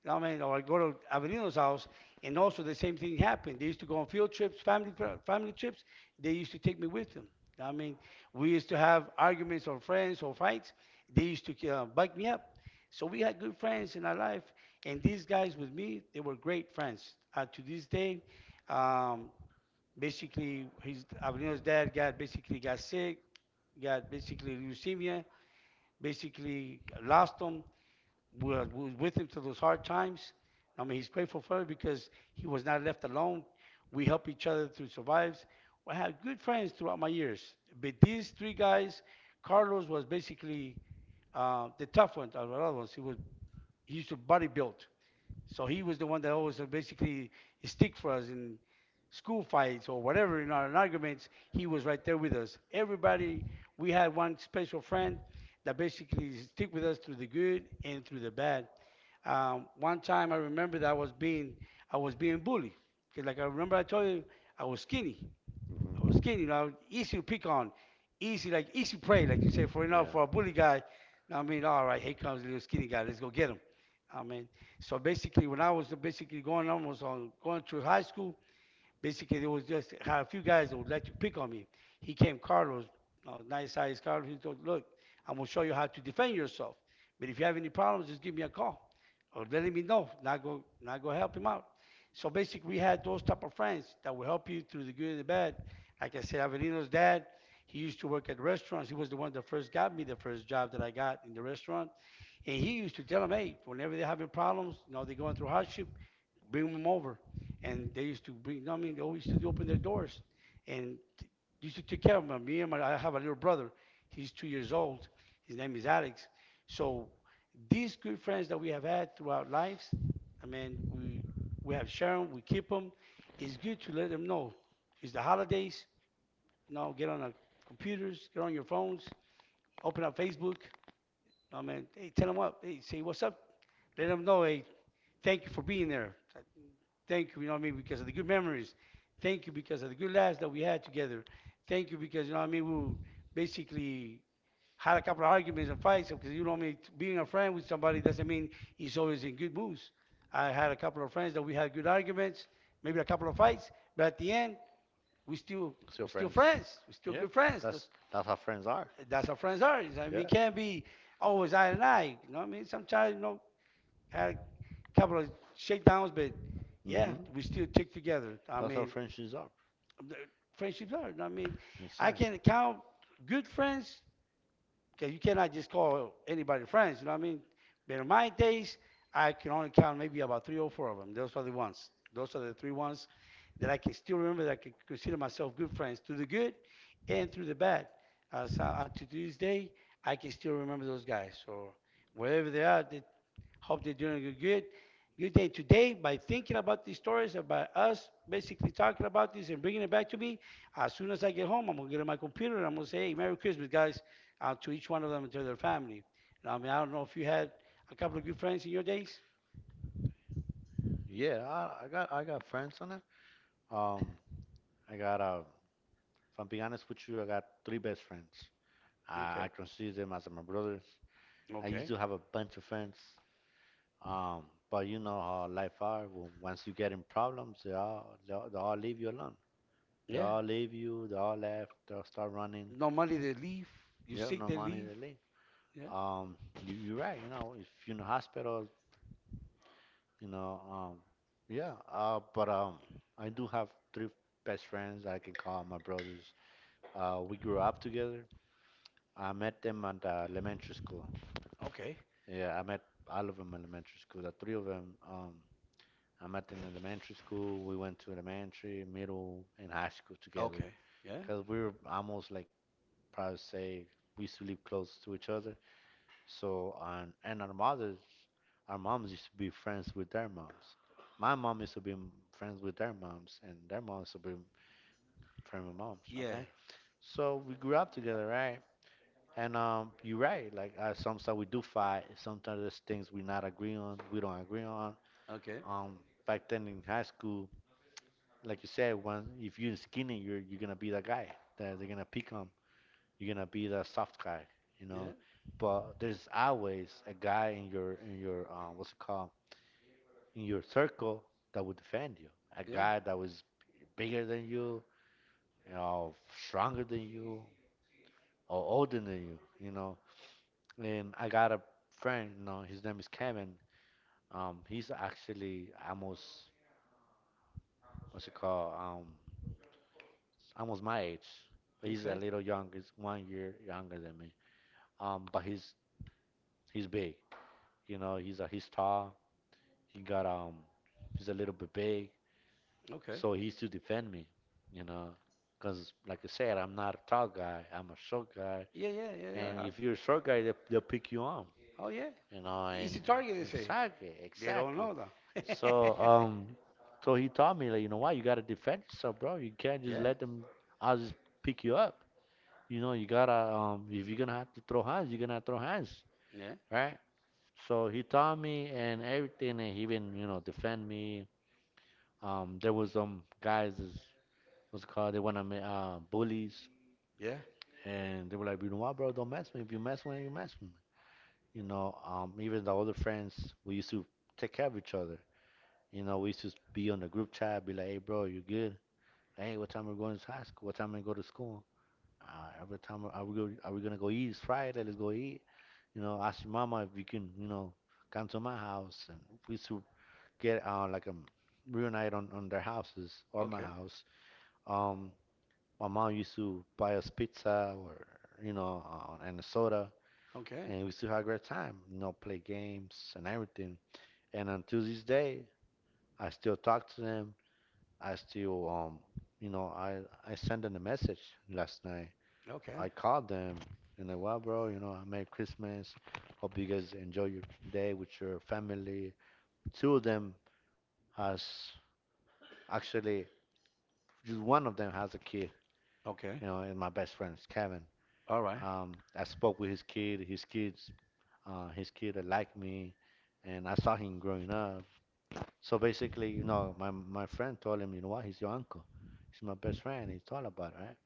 Speaker 1: You know what I mean? Or I go to Avenido's house, and also the same thing happened. They used to go on field trips, family trips. They used to take me with them. You know what I mean, we used to have arguments or friends or fights. They used to bike me up. So we had good friends in our life, and these guys with me, they were great friends. To this day. Um, Basically, his Avelino's dad got basically got sick, got basically leukemia, basically lost him. We were with him through those hard times. I mean, he's grateful for it because he was not left alone. We help each other to survive. I had good friends throughout my years, but these three guys, Carlos was basically the tough one. Of Alvarado was, he was, he used to body build. So he was the one that always basically stick for us in school fights or whatever in our arguments. He was right there with us. Everybody, we had one special friend that basically stick with us through the good and through the bad. One time I remember that I was being bullied because, like, I remember I told you I was skinny I was skinny. Easy to pick on, easy, like, easy prey, like you say. For enough
Speaker 2: Yeah.
Speaker 1: for a bully guy, now, I mean, all right, here comes the little skinny guy. Let's go get him. I mean, so basically when I was basically going almost on going through high school, basically, there was just had a few guys that would let you pick on me. He came, Carlos, nice size Carlos. He told, look, I'm gonna show you how to defend yourself. But if you have any problems, just give me a call or let me know. Not go help him out. So basically, we had those type of friends that will help you through the good and the bad. Like I said, Avelino's dad, he used to work at restaurants. He was the one that first got me the first job that I got in the restaurant. And he used to tell them, hey, whenever they're having problems, you know, they're going through hardship, bring them over. And they used to bring, I mean, they always used to open their doors and used to take care of them. Me and my, I have a little brother. He's 2 years old. His name is Alex. So these good friends that we have had throughout lives, I mean, we have shared them, we keep them. It's good to let them know. It's the holidays. Now get on our computers, get on your phones, open up Facebook. I mean, hey, tell them what. Hey, say what's up. Let them know. Hey, thank you for being there. Thank you, you know what I mean, because of the good memories. Thank you because of the good laughs that we had together. Thank you because, you know what I mean, we would basically had a couple of arguments and fights because, you know what I mean, being a friend with somebody doesn't mean he's always in good moods. I had a couple of friends that we had good arguments, maybe a couple of fights, but at the end, we still
Speaker 2: Still
Speaker 1: we still
Speaker 2: friends.
Speaker 1: friends. We're still
Speaker 2: Yeah.
Speaker 1: good friends. That's,
Speaker 2: That's how friends are.
Speaker 1: that's how friends are. I mean, we
Speaker 2: Yeah.
Speaker 1: can't be always eye and eye. You know what I mean? Sometimes, you know, had a couple of shakedowns, but yeah, we
Speaker 2: Hmm.
Speaker 1: still tick together. I
Speaker 2: That's how
Speaker 1: mean,
Speaker 2: friendships are.
Speaker 1: friendships are. I mean, I
Speaker 2: Exactly.
Speaker 1: can count good friends because you cannot just call anybody friends. You know what I mean? But in my days, I can only count maybe about three or four of them. Those are the ones. Those are the three ones that I can still remember that I can consider myself good friends through the good and through the bad. To this day, I can still remember those guys. So wherever they are, they, hope they are doing a good, good day today by thinking about these stories about us basically talking about this and bringing it back to me. As soon as I get home, I'm gonna get on my computer and I'm gonna say, "Hey, Merry Christmas, guys," to each one of them and to their family. And I mean, I don't know if you had a couple of good friends in your days.
Speaker 2: Yeah, I got friends on it. Um, I got if I'm being honest with you, I got three best friends. I
Speaker 1: Okay.
Speaker 2: consider them as my brothers. I used
Speaker 1: Okay.
Speaker 2: to have a bunch of friends. Um, but you know how life are. Once you get in problems, they all leave you alone. They
Speaker 1: Yeah.
Speaker 2: all leave you. They all left. They all start running.
Speaker 1: No money, they leave. You
Speaker 2: You have
Speaker 1: sick,
Speaker 2: no
Speaker 1: they
Speaker 2: money.
Speaker 1: leave.
Speaker 2: They leave.
Speaker 1: Yeah.
Speaker 2: Um, you you're right. You know, if you're in the hospital, you know, yeah. But I do have three best friends I can call my brothers. We grew up together. I met them at elementary school.
Speaker 1: Okay.
Speaker 2: Yeah, I met all of them in elementary school. The three of them. I'm at an elementary school. We went to elementary, middle, and high school together.
Speaker 1: Okay. Yeah.
Speaker 2: Cause we were almost like probably say we used to live close to each other. So on and our mothers, our moms used to be friends with their moms. My mom used to be friends with their moms, and their moms used to be friends with moms.
Speaker 1: Yeah.
Speaker 2: Okay, so we grew up together, right? And you're right. Like sometimes we do fight. Sometimes there's things we not agree on. We don't agree on.
Speaker 1: Okay.
Speaker 2: Um, back then in high school, like you said, one if you're skinny, you're gonna be the guy that they're gonna pick on. You're gonna be the soft guy, you
Speaker 1: Yeah.
Speaker 2: know. But there's always a guy in your what's it called in your circle that will defend you. A
Speaker 1: Yeah.
Speaker 2: guy that was bigger than you, you know, stronger than you, or older than you, you know. And I got a friend, you know, his name is Kevin. He's actually almost what's it called almost my age. But he's a
Speaker 1: Okay.
Speaker 2: little young. He's 1 year younger than me. But he's big. You know, he's tall. He got he's a little bit big.
Speaker 1: Okay.
Speaker 2: So he used to defend me. You know, because like I said, I'm not a tall guy. I'm a short guy.
Speaker 1: Yeah. Yeah. Yeah.
Speaker 2: And
Speaker 1: Yeah.
Speaker 2: if you're a short guy, they'll pick you on.
Speaker 1: Oh, yeah.
Speaker 2: You know, and
Speaker 1: Easy target, they say.
Speaker 2: exactly,
Speaker 1: They don't
Speaker 2: exactly.
Speaker 1: know though.
Speaker 2: So um, so he taught me like, you know what, you gotta defend yourself, bro. You can't just
Speaker 1: Yeah,
Speaker 2: let them. I'll just pick you up. You know, you gotta if you're gonna have to throw hands, you're gonna throw hands,
Speaker 1: yeah,
Speaker 2: right? So he taught me and everything, and he even you know defend me. There was some guys is what's it called they wanna bullies,
Speaker 1: yeah.
Speaker 2: and they were like, you know what, bro, don't mess with me. If you mess with me, you mess with me. You know, even the older friends, we used to take care of each other. You know, we used to be on the group chat, be like, hey, bro, you good? Hey, what time are we going to high school? What time we go to school? Every time are we go, are we gonna go eat? It's Friday. Let's go eat. You know, ask your mama if you can, you know, come to my house. And we used to get like a reunite on their houses or my
Speaker 1: Okay,
Speaker 2: house. Um, my mom used to buy us pizza or, you know, and a soda.
Speaker 1: okay,
Speaker 2: And we used to have a great time, you know, play games and everything. And until this day, I still talk to them. I still, you know, I sent them a message last night
Speaker 1: okay,
Speaker 2: I called them and like, well, bro, you know, I Merry Christmas. Hope you guys enjoy your day with your family. Two of them has actually, just one of them has a kid,
Speaker 1: okay.
Speaker 2: you know, and my best friend is Kevin.
Speaker 1: All right.
Speaker 2: I spoke with his kid. His kids, his kid liked me, and I saw him growing up. So basically, you know, my friend told him, you know what, he's your uncle. He's my best friend. He's all about it, right?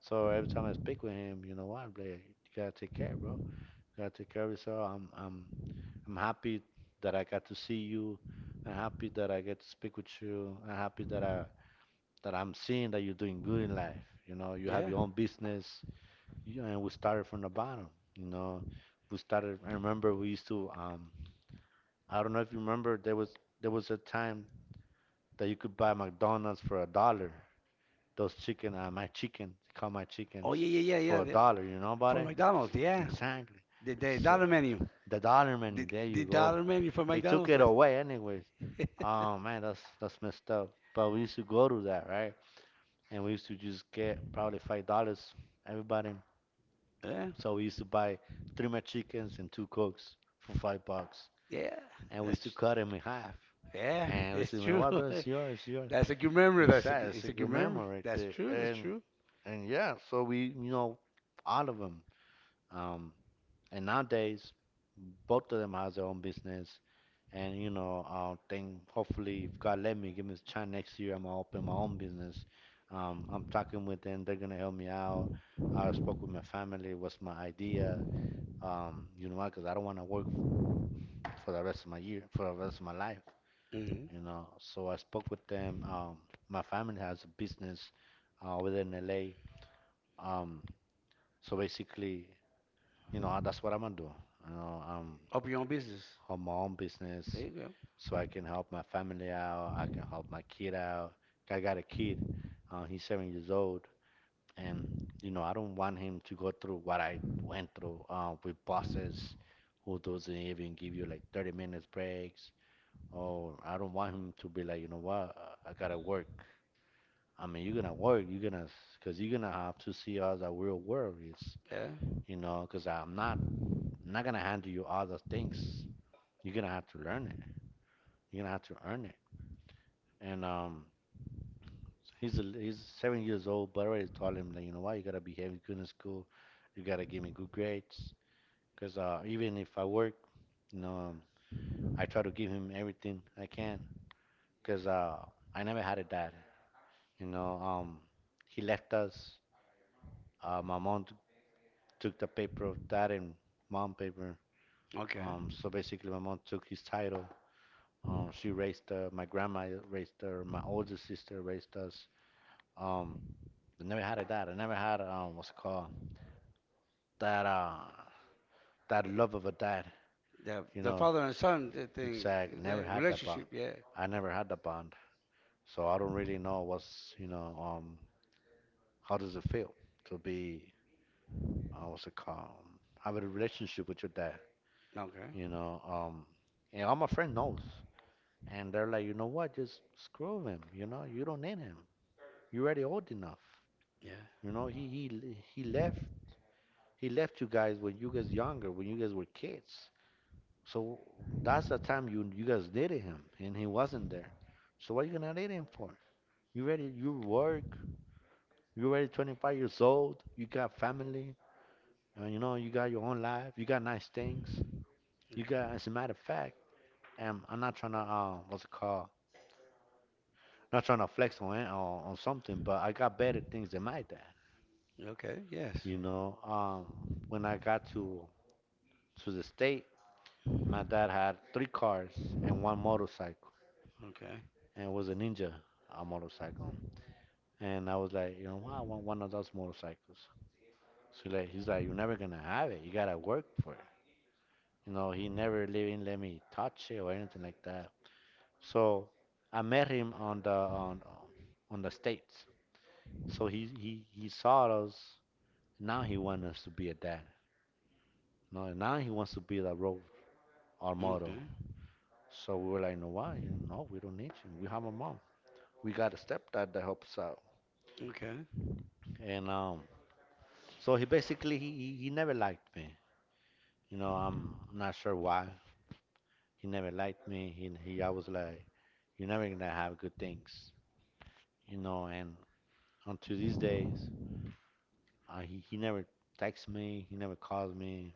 Speaker 2: So every time I speak with him, you know what, I'm like, you gotta take care, bro. Gotta take care of yourself. I'm happy that I got to see you. I'm happy that I get to speak with you. I'm happy that I'm seeing that you're doing good in life. You know, you have
Speaker 1: Yeah.
Speaker 2: your own business. You, and we started from the bottom. You know, we started. I remember we used to. I don't know if you remember. There was a time that you could buy McDonald's for a dollar. Those chicken, my chicken, call my chickens
Speaker 1: Oh yeah, yeah, yeah, yeah.
Speaker 2: for a dollar. You know about
Speaker 1: For
Speaker 2: it?
Speaker 1: McDonald's, yeah.
Speaker 2: Exactly.
Speaker 1: The
Speaker 2: So,
Speaker 1: dollar menu.
Speaker 2: the dollar menu.
Speaker 1: The
Speaker 2: There you
Speaker 1: the
Speaker 2: go.
Speaker 1: dollar menu for
Speaker 2: They took
Speaker 1: McDonald's.
Speaker 2: it
Speaker 1: That's
Speaker 2: away anyways. Oh man, that's messed up. But we used to go to that, right? And we used to just get probably $5, everybody.
Speaker 1: yeah,
Speaker 2: So we used to buy three McChickens and two cokes for $5,
Speaker 1: yeah.
Speaker 2: and we
Speaker 1: That's
Speaker 2: used to cut
Speaker 1: tr-
Speaker 2: them in half.
Speaker 1: yeah.
Speaker 2: And we said,
Speaker 1: That's
Speaker 2: "You know
Speaker 1: true.
Speaker 2: what? That's yours, it's yours."
Speaker 1: That's a good memory.
Speaker 2: Sad. It's a
Speaker 1: It's a
Speaker 2: good
Speaker 1: good memory.
Speaker 2: memory right
Speaker 1: That's
Speaker 2: there.
Speaker 1: true. That's
Speaker 2: And
Speaker 1: true.
Speaker 2: and yeah, so we you know all of them. Um, And nowadays, both of them has their own business, and you know, I'll think hopefully if God let me give me a chance next year, I'm gonna open my own business. I'm talking with them; they're gonna help me out. I spoke with my family. What's my idea? You know what? Because I don't want to work for the rest of my year, for the rest of my life.
Speaker 1: Hmm.
Speaker 2: You know, so I spoke with them. My family has a business within LA. Um, so basically, you know, that's what I'm gonna do. You know,
Speaker 1: Up your own business.
Speaker 2: her mom business
Speaker 1: There you go.
Speaker 2: so I can help my family out. I can help my kid out. I got a kid. He's 7 years old, and you know I don't want him to go through what I went through with bosses who doesn't even give you like 30 minutes breaks. Or I don't want him to be like, you know what, I gotta work. I mean, you're gonna work. You're gonna, cause you're gonna have to see us a real world is,
Speaker 1: Yeah.
Speaker 2: you know, cause I'm not gonna handle you other things. You're gonna have to learn it. You're gonna have to earn it. And he's 7 years old but I already told him that you know what you gotta behave good in school you gotta give me good grades because even if I work you know I try to give him everything I can because I never had a dad you know he left us my mom took the paper of dad and mom paper
Speaker 1: Okay.
Speaker 2: so basically my mom took his title she raised my grandma raised her my older sister raised us um I never had a dad. I never had what's it called that that love of a dad,
Speaker 1: The
Speaker 2: you
Speaker 1: the
Speaker 2: know.
Speaker 1: father and son thing,
Speaker 2: Exact. Never
Speaker 1: the
Speaker 2: had that bond.
Speaker 1: relationship. Yeah.
Speaker 2: I never had that bond, so I don't really know what's you know um how does it feel to be what's it called have a relationship with your dad, you
Speaker 1: Okay.
Speaker 2: know and all my friend knows, and they're like you know what just screw him, you know you don't need him. You're already old enough,
Speaker 1: Yeah.
Speaker 2: you know he left he left you guys when you guys younger when you guys were kids. So that's the time you guys needed him, and he wasn't there. So what you gonna need him for? You ready? You work. You already 25 years old. You got family. And you know you got your own life. You got nice things. You got. As a matter of fact, I'm not trying to what's it called? Not trying to flex on on something, but I got better things than my dad.
Speaker 1: Okay. Yes.
Speaker 2: You know, when I got to the state, my dad had three cars and one motorcycle,
Speaker 1: Okay.
Speaker 2: and it was a ninja, a motorcycle. And I was like, you know, "Wow, I want one of those motorcycles. So like, he's like, you're never gonna have it. You gotta work for it. You know, he never even let me touch it or anything like that. So I met him on the states. So he saw us. Now he wants us to be a dad. No, now he wants to be the role our
Speaker 1: Okay.
Speaker 2: model. So we were like, no, why? You know, no, we don't need you. We have a mom. We got a stepdad that helps out.
Speaker 1: Okay.
Speaker 2: And so he basically he never liked me. You know, I'm not sure why. He never liked me. He always like, you're never gonna have good things. You know, and until these days, he he never texts me. He never calls me.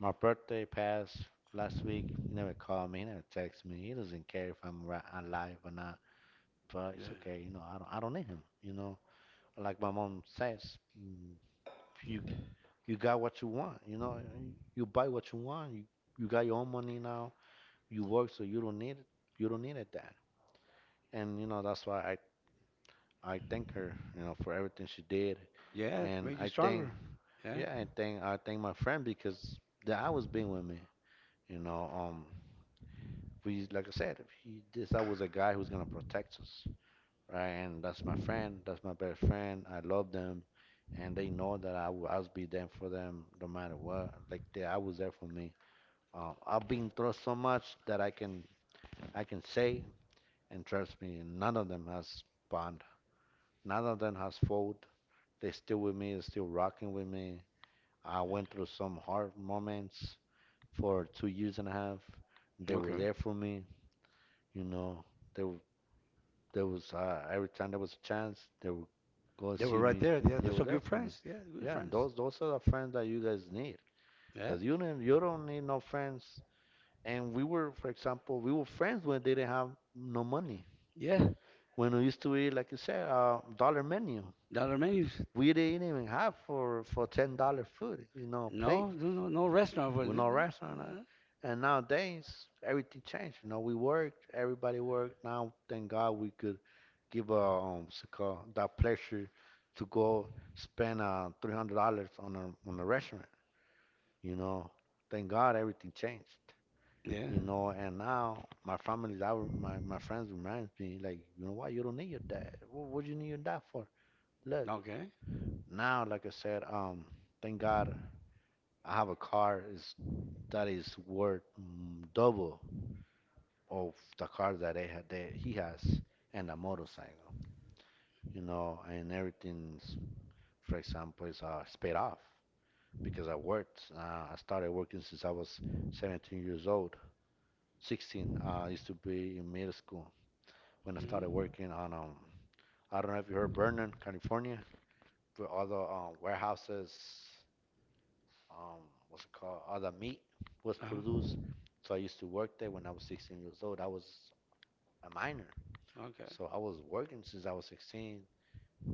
Speaker 2: My birthday passed last week. He never called me. He never texts me. He doesn't care if I'm alive or not. But it's
Speaker 1: Yeah.
Speaker 2: okay. You know, I don't need him. You know, like my mom says, mm, you you got what you want. You know, you buy what you want. You got your own money now. You work, so you don't need it. You don't need it. That and, you know, that's why I thank her, you know, for everything she did.
Speaker 1: Yeah. It
Speaker 2: And
Speaker 1: make you
Speaker 2: I thank,
Speaker 1: stronger. Yeah.
Speaker 2: yeah, I thank, I thank my friend, because that I was being with me, you know. We like I said, he this I was a guy who's gonna protect us, right? And that's my friend, that's my best friend. I love them and they know that I will always be there for them no matter what. Like they, I was there for me. I've been through so much that I can say. And trust me, none of them has bond. None of them has fold. They still with me, they still rocking with me. I went through some hard moments for 2 years and a half. They were
Speaker 1: Okay.
Speaker 2: there for me, you know. They were, there was every time there was a chance, they would go
Speaker 1: They were
Speaker 2: see
Speaker 1: right
Speaker 2: me.
Speaker 1: there. Yeah.
Speaker 2: They
Speaker 1: They're
Speaker 2: were
Speaker 1: so
Speaker 2: there
Speaker 1: good
Speaker 2: for me.
Speaker 1: friends. Yeah. Good
Speaker 2: Yeah,
Speaker 1: friends.
Speaker 2: those are the friends that you guys need.
Speaker 1: Yeah.
Speaker 2: Cause you don't need no friends. And we were, for example, we were friends when they didn't have no money.
Speaker 1: Yeah.
Speaker 2: When we used to eat, like you said, a dollar menu.
Speaker 1: Dollar menus.
Speaker 2: We didn't even have for $10 food, you know, plate.
Speaker 1: No. No. No. No restaurant for
Speaker 2: We
Speaker 1: this.
Speaker 2: no restaurant. And nowadays everything changed. You know, we worked, everybody worked. Now, thank God we could give what's it called, that pleasure to go spend $300 on a restaurant. You know, thank God everything changed.
Speaker 1: Yeah.
Speaker 2: You know, and now my family, my friends reminds me like, you know what, you don't need your dad. What you need your dad for? Look,
Speaker 1: Okay.
Speaker 2: now, like I said, thank God I have a car is that is worth double of the car that I had that he has, and a motorcycle, you know, and everything's for example is it's paid off because I worked. I started working since I was 17 years old. 16, I used to be in middle school when I started
Speaker 1: Mm-hmm.
Speaker 2: working on I don't know if you heard Vernon, California, with all the warehouses um, what's it called, all the meat was
Speaker 1: Uh-huh.
Speaker 2: produced. So I used to work there when I was 16 years old. I was a minor,
Speaker 1: Okay.
Speaker 2: so I was working since I was 16,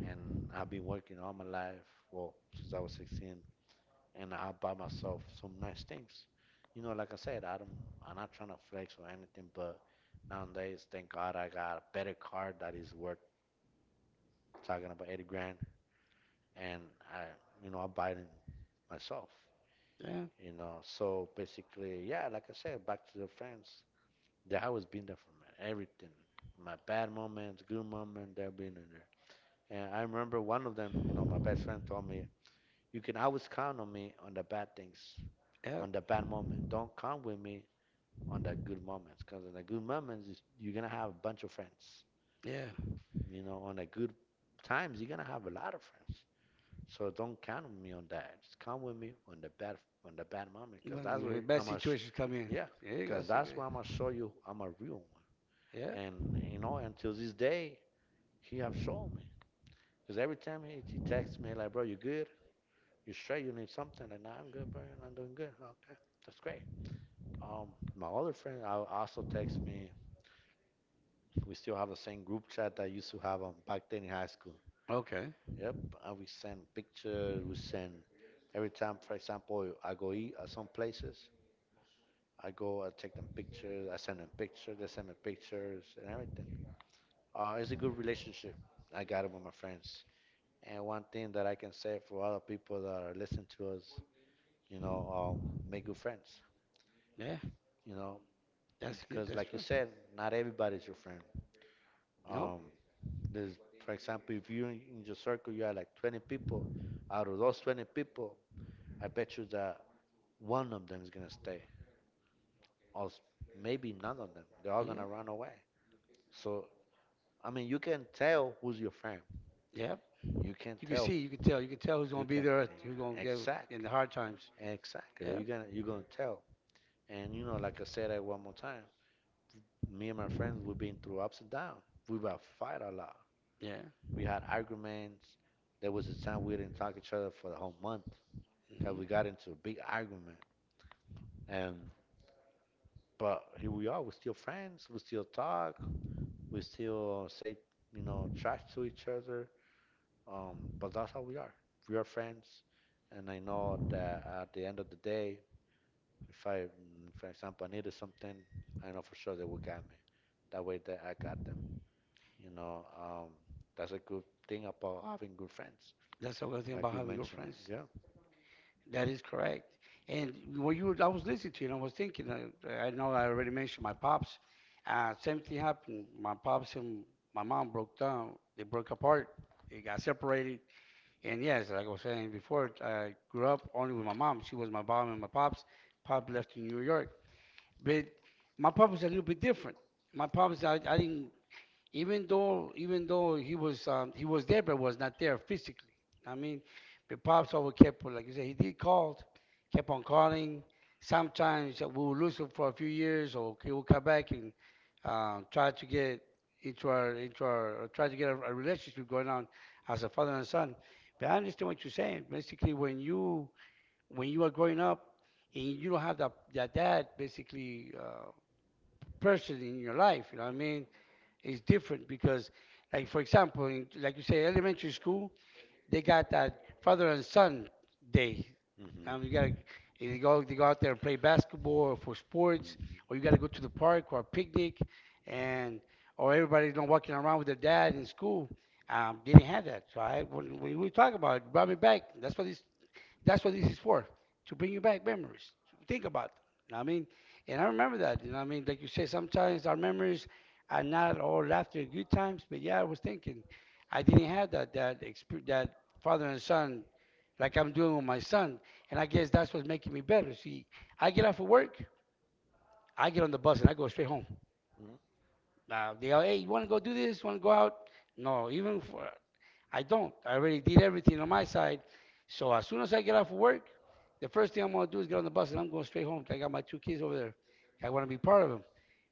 Speaker 2: and I've been working all my life. Well, since I was 16, and I buy myself some nice things. You know, like I said, I don't. I'm not trying to flex or anything, but nowadays, thank God, I got a better car that is worth talking about 80 grand, and I, you know, I buy it myself,
Speaker 1: Yeah.
Speaker 2: you know. So basically, yeah, like I said, back to the friends. They always been there for me. Everything, my bad moments, good moments, they've been in there. And I remember one of them, you know, my best friend told me, "You can always count on me on the bad things,
Speaker 1: Yep.
Speaker 2: on the bad moment. Don't count with me on the good moments, because in the good moments, you're gonna have a bunch of friends.
Speaker 1: Yeah.
Speaker 2: You know, on the good times, you're gonna have a lot of friends. So don't count with me on that. Just count with me on the bad moment, cause that's
Speaker 1: When the
Speaker 2: where
Speaker 1: bad
Speaker 2: I'm gonna,
Speaker 1: situations come in.
Speaker 2: yeah,
Speaker 1: Yeah.
Speaker 2: cause
Speaker 1: That's a
Speaker 2: that's
Speaker 1: good.
Speaker 2: where I'm gonna show you I'm a real one."
Speaker 1: Yeah.
Speaker 2: And you know, until this day, he have shown me. Cause every time he texts me like, bro, you good? You straight? You need something? Like, nah, I'm good, bro. I'm doing good. Okay, that's great. Um, my other friend I also texts me. We still have the same group chat that I used to have back then in high school.
Speaker 1: Okay.
Speaker 2: Yep, and we send pictures. We send every time, for example, I go eat at some places. I go, I take them pictures. I send them pictures. They send me pictures and everything. It's a good relationship I got it with my friends. And one thing that I can say for other people that are listening to us, you know, make good friends.
Speaker 1: Yeah.
Speaker 2: You know,
Speaker 1: That's good.
Speaker 2: because
Speaker 1: That's
Speaker 2: like you
Speaker 1: true.
Speaker 2: said, not everybody's your friend.
Speaker 1: Nope.
Speaker 2: Um, there's, for example, if you in your circle you have like 20 people, out of those 20 people, I bet you that one of them is gonna stay, or maybe none of them. They're all
Speaker 1: Yeah.
Speaker 2: gonna run away. So I mean, you can tell who's your friend.
Speaker 1: Yeah. Yep.
Speaker 2: You can
Speaker 1: You can
Speaker 2: tell.
Speaker 1: see, you can tell who's
Speaker 2: You
Speaker 1: gonna be
Speaker 2: can
Speaker 1: there, who's gonna get
Speaker 2: exact
Speaker 1: in the hard times.
Speaker 2: exactly.
Speaker 1: Yeah,
Speaker 2: You're gonna tell. And you know, like I said at one more time, me and my friends we've been through ups and downs. We've had fight a lot.
Speaker 1: yeah.
Speaker 2: We had arguments. There was a time we didn't talk to each other for the whole month because we
Speaker 1: Hmm.
Speaker 2: got into a big argument. And but here we are. We're still friends. We still talk. We still say, you know, trash to each other. But that's how we are. We are friends, and I know that at the end of the day, if I, for example, I needed something, I know for sure they will get me. That way, that I got them. You know, that's a good thing about having good friends,
Speaker 1: That's the other thing
Speaker 2: like
Speaker 1: about
Speaker 2: you
Speaker 1: having good
Speaker 2: mentioned it.
Speaker 1: friends.
Speaker 2: Yeah.
Speaker 1: That is correct. And when I was listening to you, and I was thinking, I know I already mentioned my pops. Same thing happened. My pops and my mom broke down. They broke apart. They got separated. And yes, like I was saying before, I grew up only with my mom. She was my mom and my pops. Pop left to New York, but my pop was a little bit different. My pops, I didn't, even though he was there but was not there physically. I mean, but pops always kept, like you said, he did called, kept on calling. Sometimes we would lose him for a few years, or he would come back and try to get into our or try to get a relationship going on as a father and son. But I understand what you're saying. Basically, when you are growing up and you don't have that dad basically person in your life, you know what I mean, is different because, like, for example, in, like you say, elementary school, they got that father and son day.
Speaker 2: hmm
Speaker 1: You gotta, you go, they go out there and play basketball or for sports, or you
Speaker 2: mm
Speaker 1: gotta go to the park or a picnic, and or everybody's not walking around with their dad in school. They didn't have that, so I, when we talk about it, it brought me back. That's what this, that's what this is for, to bring you back memories. To think about them. You know what I mean? And I remember that. You know what I mean? Like you said, sometimes our memories are not all after good times, but yeah, I was thinking I didn't have that that father and son like I'm doing with my son. And I guess that's what's making me better. See, I get off of work, I get on the bus and I go straight home.
Speaker 2: hmm
Speaker 1: They all, hey, you want to go do this? Want to go out? No, even for I don't. I already did everything on my side. So as soon as I get off of work, the first thing I'm going to do is get on the bus and I'm going straight home. I got my two kids over there. I want to be part of them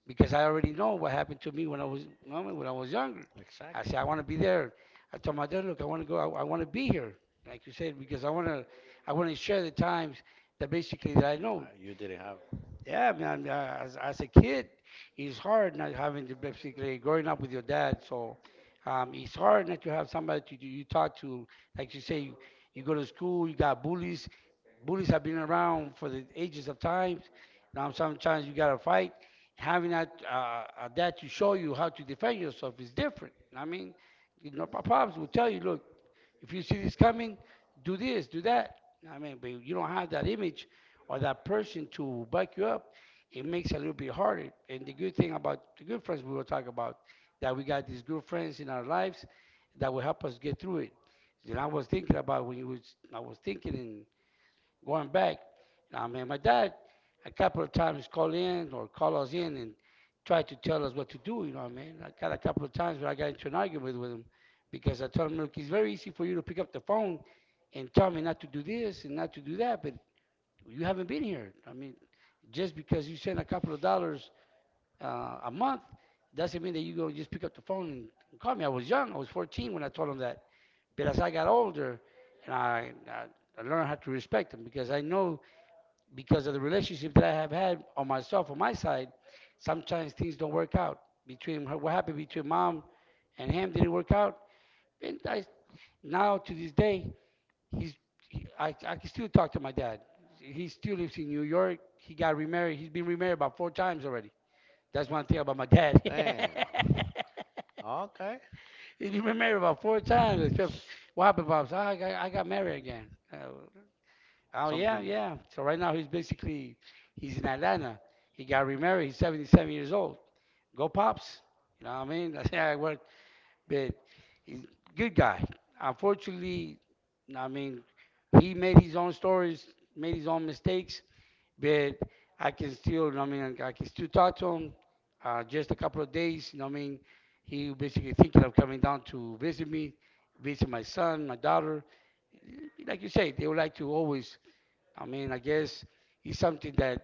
Speaker 1: because I already know what happened to me when I was younger. I said
Speaker 2: Exactly.
Speaker 1: I want to be there. I told my dad, look, I want to go. I want to be here, like you said, because I want to share the times that basically that I know.
Speaker 2: You didn't have.
Speaker 1: Yeah, man. As a kid, it's hard not having to basically growing up with your dad. So it's hard not to have somebody to you talk to. Like you say, you go to school, you got bullies. Bullies have been around for the ages of times. Now sometimes you gotta fight. Having that a dad to show you how to defend yourself is different. I mean, you know, my pops will tell you, look, if you see this coming, do this, do that. I mean, but you don't have that image or that person to back you up. It makes it a little bit harder. And the good thing about the good friends we will talk about that we got these good friends in our lives that will help us get through it. Then I was thinking about when you was I was thinking and going back. I mean, my dad a couple of times called in or called us in and tried to tell us what to do. You know what I mean? I got a couple of times where I got into an argument with him because I told him, look, it's very easy for you to pick up the phone and tell me not to do this and not to do that, but you haven't been here. I mean, just because you send a couple of dollars a month doesn't mean that you go just pick up the phone and call me. I was young. I was 14 when I told him that. But as I got older, and I learned how to respect him because I know because of the relationship that I have had on myself, on my side, sometimes things don't work out. Between her, what happened between mom and him didn't work out. And I, now to this day, he's I can still talk to my dad. He still lives in New York. He got remarried. He's been remarried about four times already. That's one thing about my dad.
Speaker 2: Damn. Okay.
Speaker 1: He's been remarried about four times. Except what happened, Bob? So I got married again. Oh,
Speaker 2: Something.
Speaker 1: yeah, yeah. So right now he's basically he's in Atlanta. He got remarried. He's 77 years old. Go pops. You know what I mean? That's how I work. But he's a good guy. Unfortunately, I mean, he made his own stories, made his own mistakes. But I can still, you know, what I mean, I can still talk to him. Just a couple of days. You know what I mean? He basically thinking of coming down to visit me, visit my son, my daughter. Like you say, they would like to always, I mean, I guess it's something that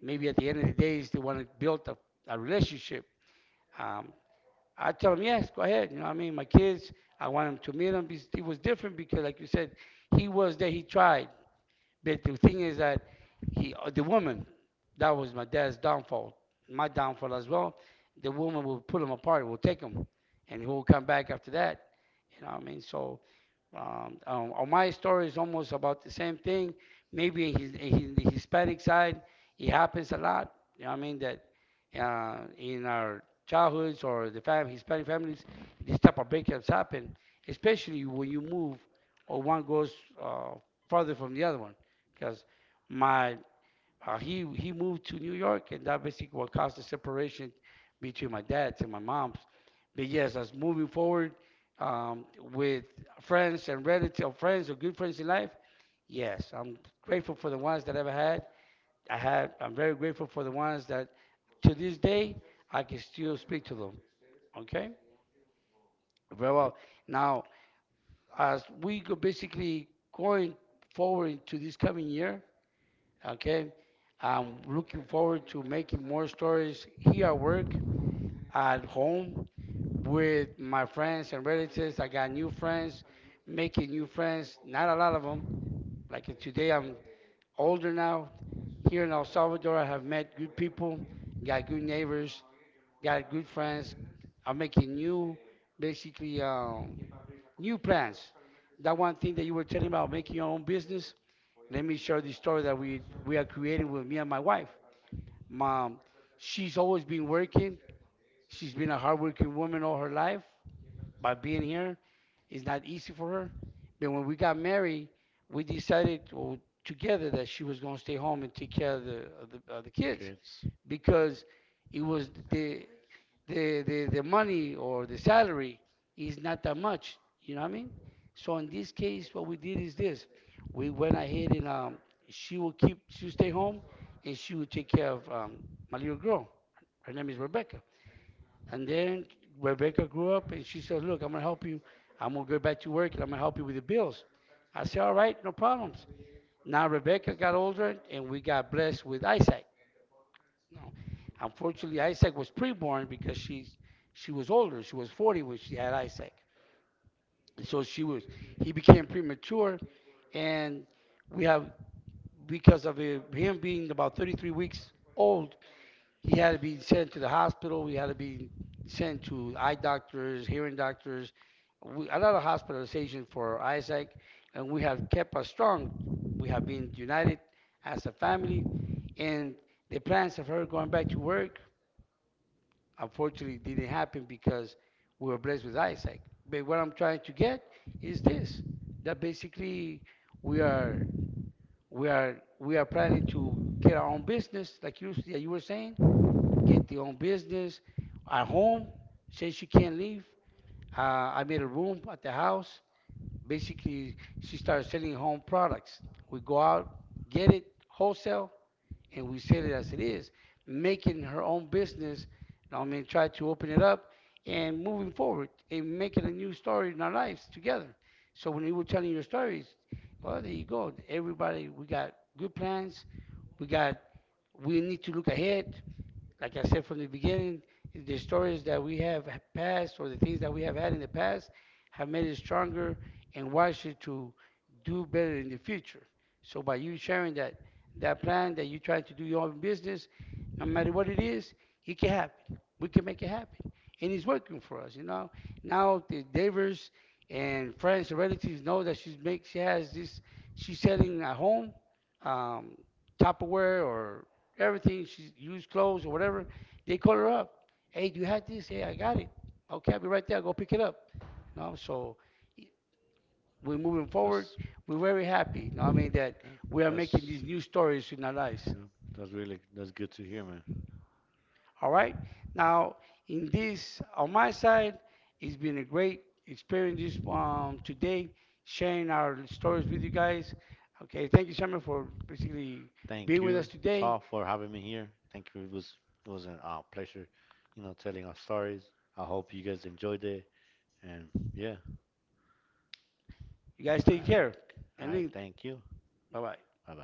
Speaker 1: maybe at the end of the day is they want to build a relationship. Um, I tell them, yes, go ahead. You know what I mean? My kids, I want them to meet him. It was different because, like you said, he was there, he tried. But the thing is that he, the woman, that was my dad's downfall, my downfall as well. The woman will pull him apart, will take him, and he will come back after that. You know what I mean? So on my story is almost about the same thing. Maybe in his, in the Hispanic side, it happens a lot. You know what I mean? That in our childhoods or the Hispanic families, this type of breakups happen, especially when you move or one goes uh, further from the other one. Because my uh, he moved to New York, and that basically what caused the separation between my dad's and my mom's. But yes, as moving forward um, with friends and relatives, or friends or good friends in life, yes, I'm grateful for the ones that I've had. I had. I'm very grateful for the ones that to this day I can still speak to them. Okay, very well. Now, as we go basically going forward into this coming year, okay, I'm looking forward to making more stories here at work, at home, with my friends and relatives. I got new friends, making new friends, not a lot of them. Like today, I'm older now. Here in El Salvador, I have met good people, got good neighbors, got good friends. I'm making new, basically, new plans. That one thing that you were telling about making your own business. Let me share the story that we are creating with me and my wife. Mom, she's always been working. She's been a hardworking woman all her life. By being here, it's not easy for her. But when we got married, we decided well, together that she was going to stay home and take care of the kids
Speaker 2: Kids.
Speaker 1: because it was the money or the salary is not that much. You know what I mean? So in this case, what we did is this: we went ahead and she will keep, she will stay home, and she will take care of my little girl. Her name is Rebecca. And then Rebecca grew up, and she said, "Look, I'm gonna help you. I'm gonna go back to work, and I'm gonna help you with the bills." I said, "All right, no problems." Now Rebecca got older, and we got blessed with Isaac. No, unfortunately, Isaac was preborn because she was older. She was 40 when she had Isaac, so she was he became premature, and we have because of him being about 33 weeks old, he had to be sent to the hospital. He had to be sent to eye doctors, hearing doctors, we, a lot of hospitalization for Isaac, and we have kept us strong. We have been united as a family, and the plans of her going back to work, unfortunately, it didn't happen because we were blessed with Isaac. But what I'm trying to get is this: that basically we are we are planning to get our own business, like you, yeah, you were saying, get the own business, our home. Since she can't leave, I made a room at the house. Basically, she started selling home products. We go out, get it wholesale, and we said it as it is, making her own business. You know what I mean, try to open it up and moving forward and making a new story in our lives together. So when you were telling your stories, well, there you go. Everybody, we got good plans. We got. We need to look ahead. Like I said from the beginning, the stories that we have passed or the things that we have had in the past have made it stronger and wiser to do better in the future. So by you sharing that plan that you try to do your own business, no matter what it is, it can happen. We can make it happen. And it's working for us, you know. Now the neighbors and friends and relatives know that she has this she's selling a home, um, Tupperware or everything. She's used clothes or whatever. They call her up. Hey, do you have this? Hey, I got it. Okay, I'll be right there. Go pick it up. You know, so e, we're moving forward.
Speaker 2: That's
Speaker 1: We're very happy. You know, what I mean
Speaker 2: yeah,
Speaker 1: that we are making
Speaker 2: that's
Speaker 1: these new stories in our lives.
Speaker 2: yeah, that's really that's good to hear, man.
Speaker 1: All right. Now, in this, on my side, it's been a great experience this, today, sharing our stories with you guys. Okay, thank you, Summer, for basically
Speaker 2: Thank
Speaker 1: being with
Speaker 2: you,
Speaker 1: us today.
Speaker 2: Saul, for having me here. Thank you. It was a pleasure, you know, telling our stories. I hope you guys enjoyed it. And yeah,
Speaker 1: You guys take care.
Speaker 2: all
Speaker 1: And
Speaker 2: right.
Speaker 1: then,
Speaker 2: Thank you.
Speaker 1: bye bye.
Speaker 2: Bye bye.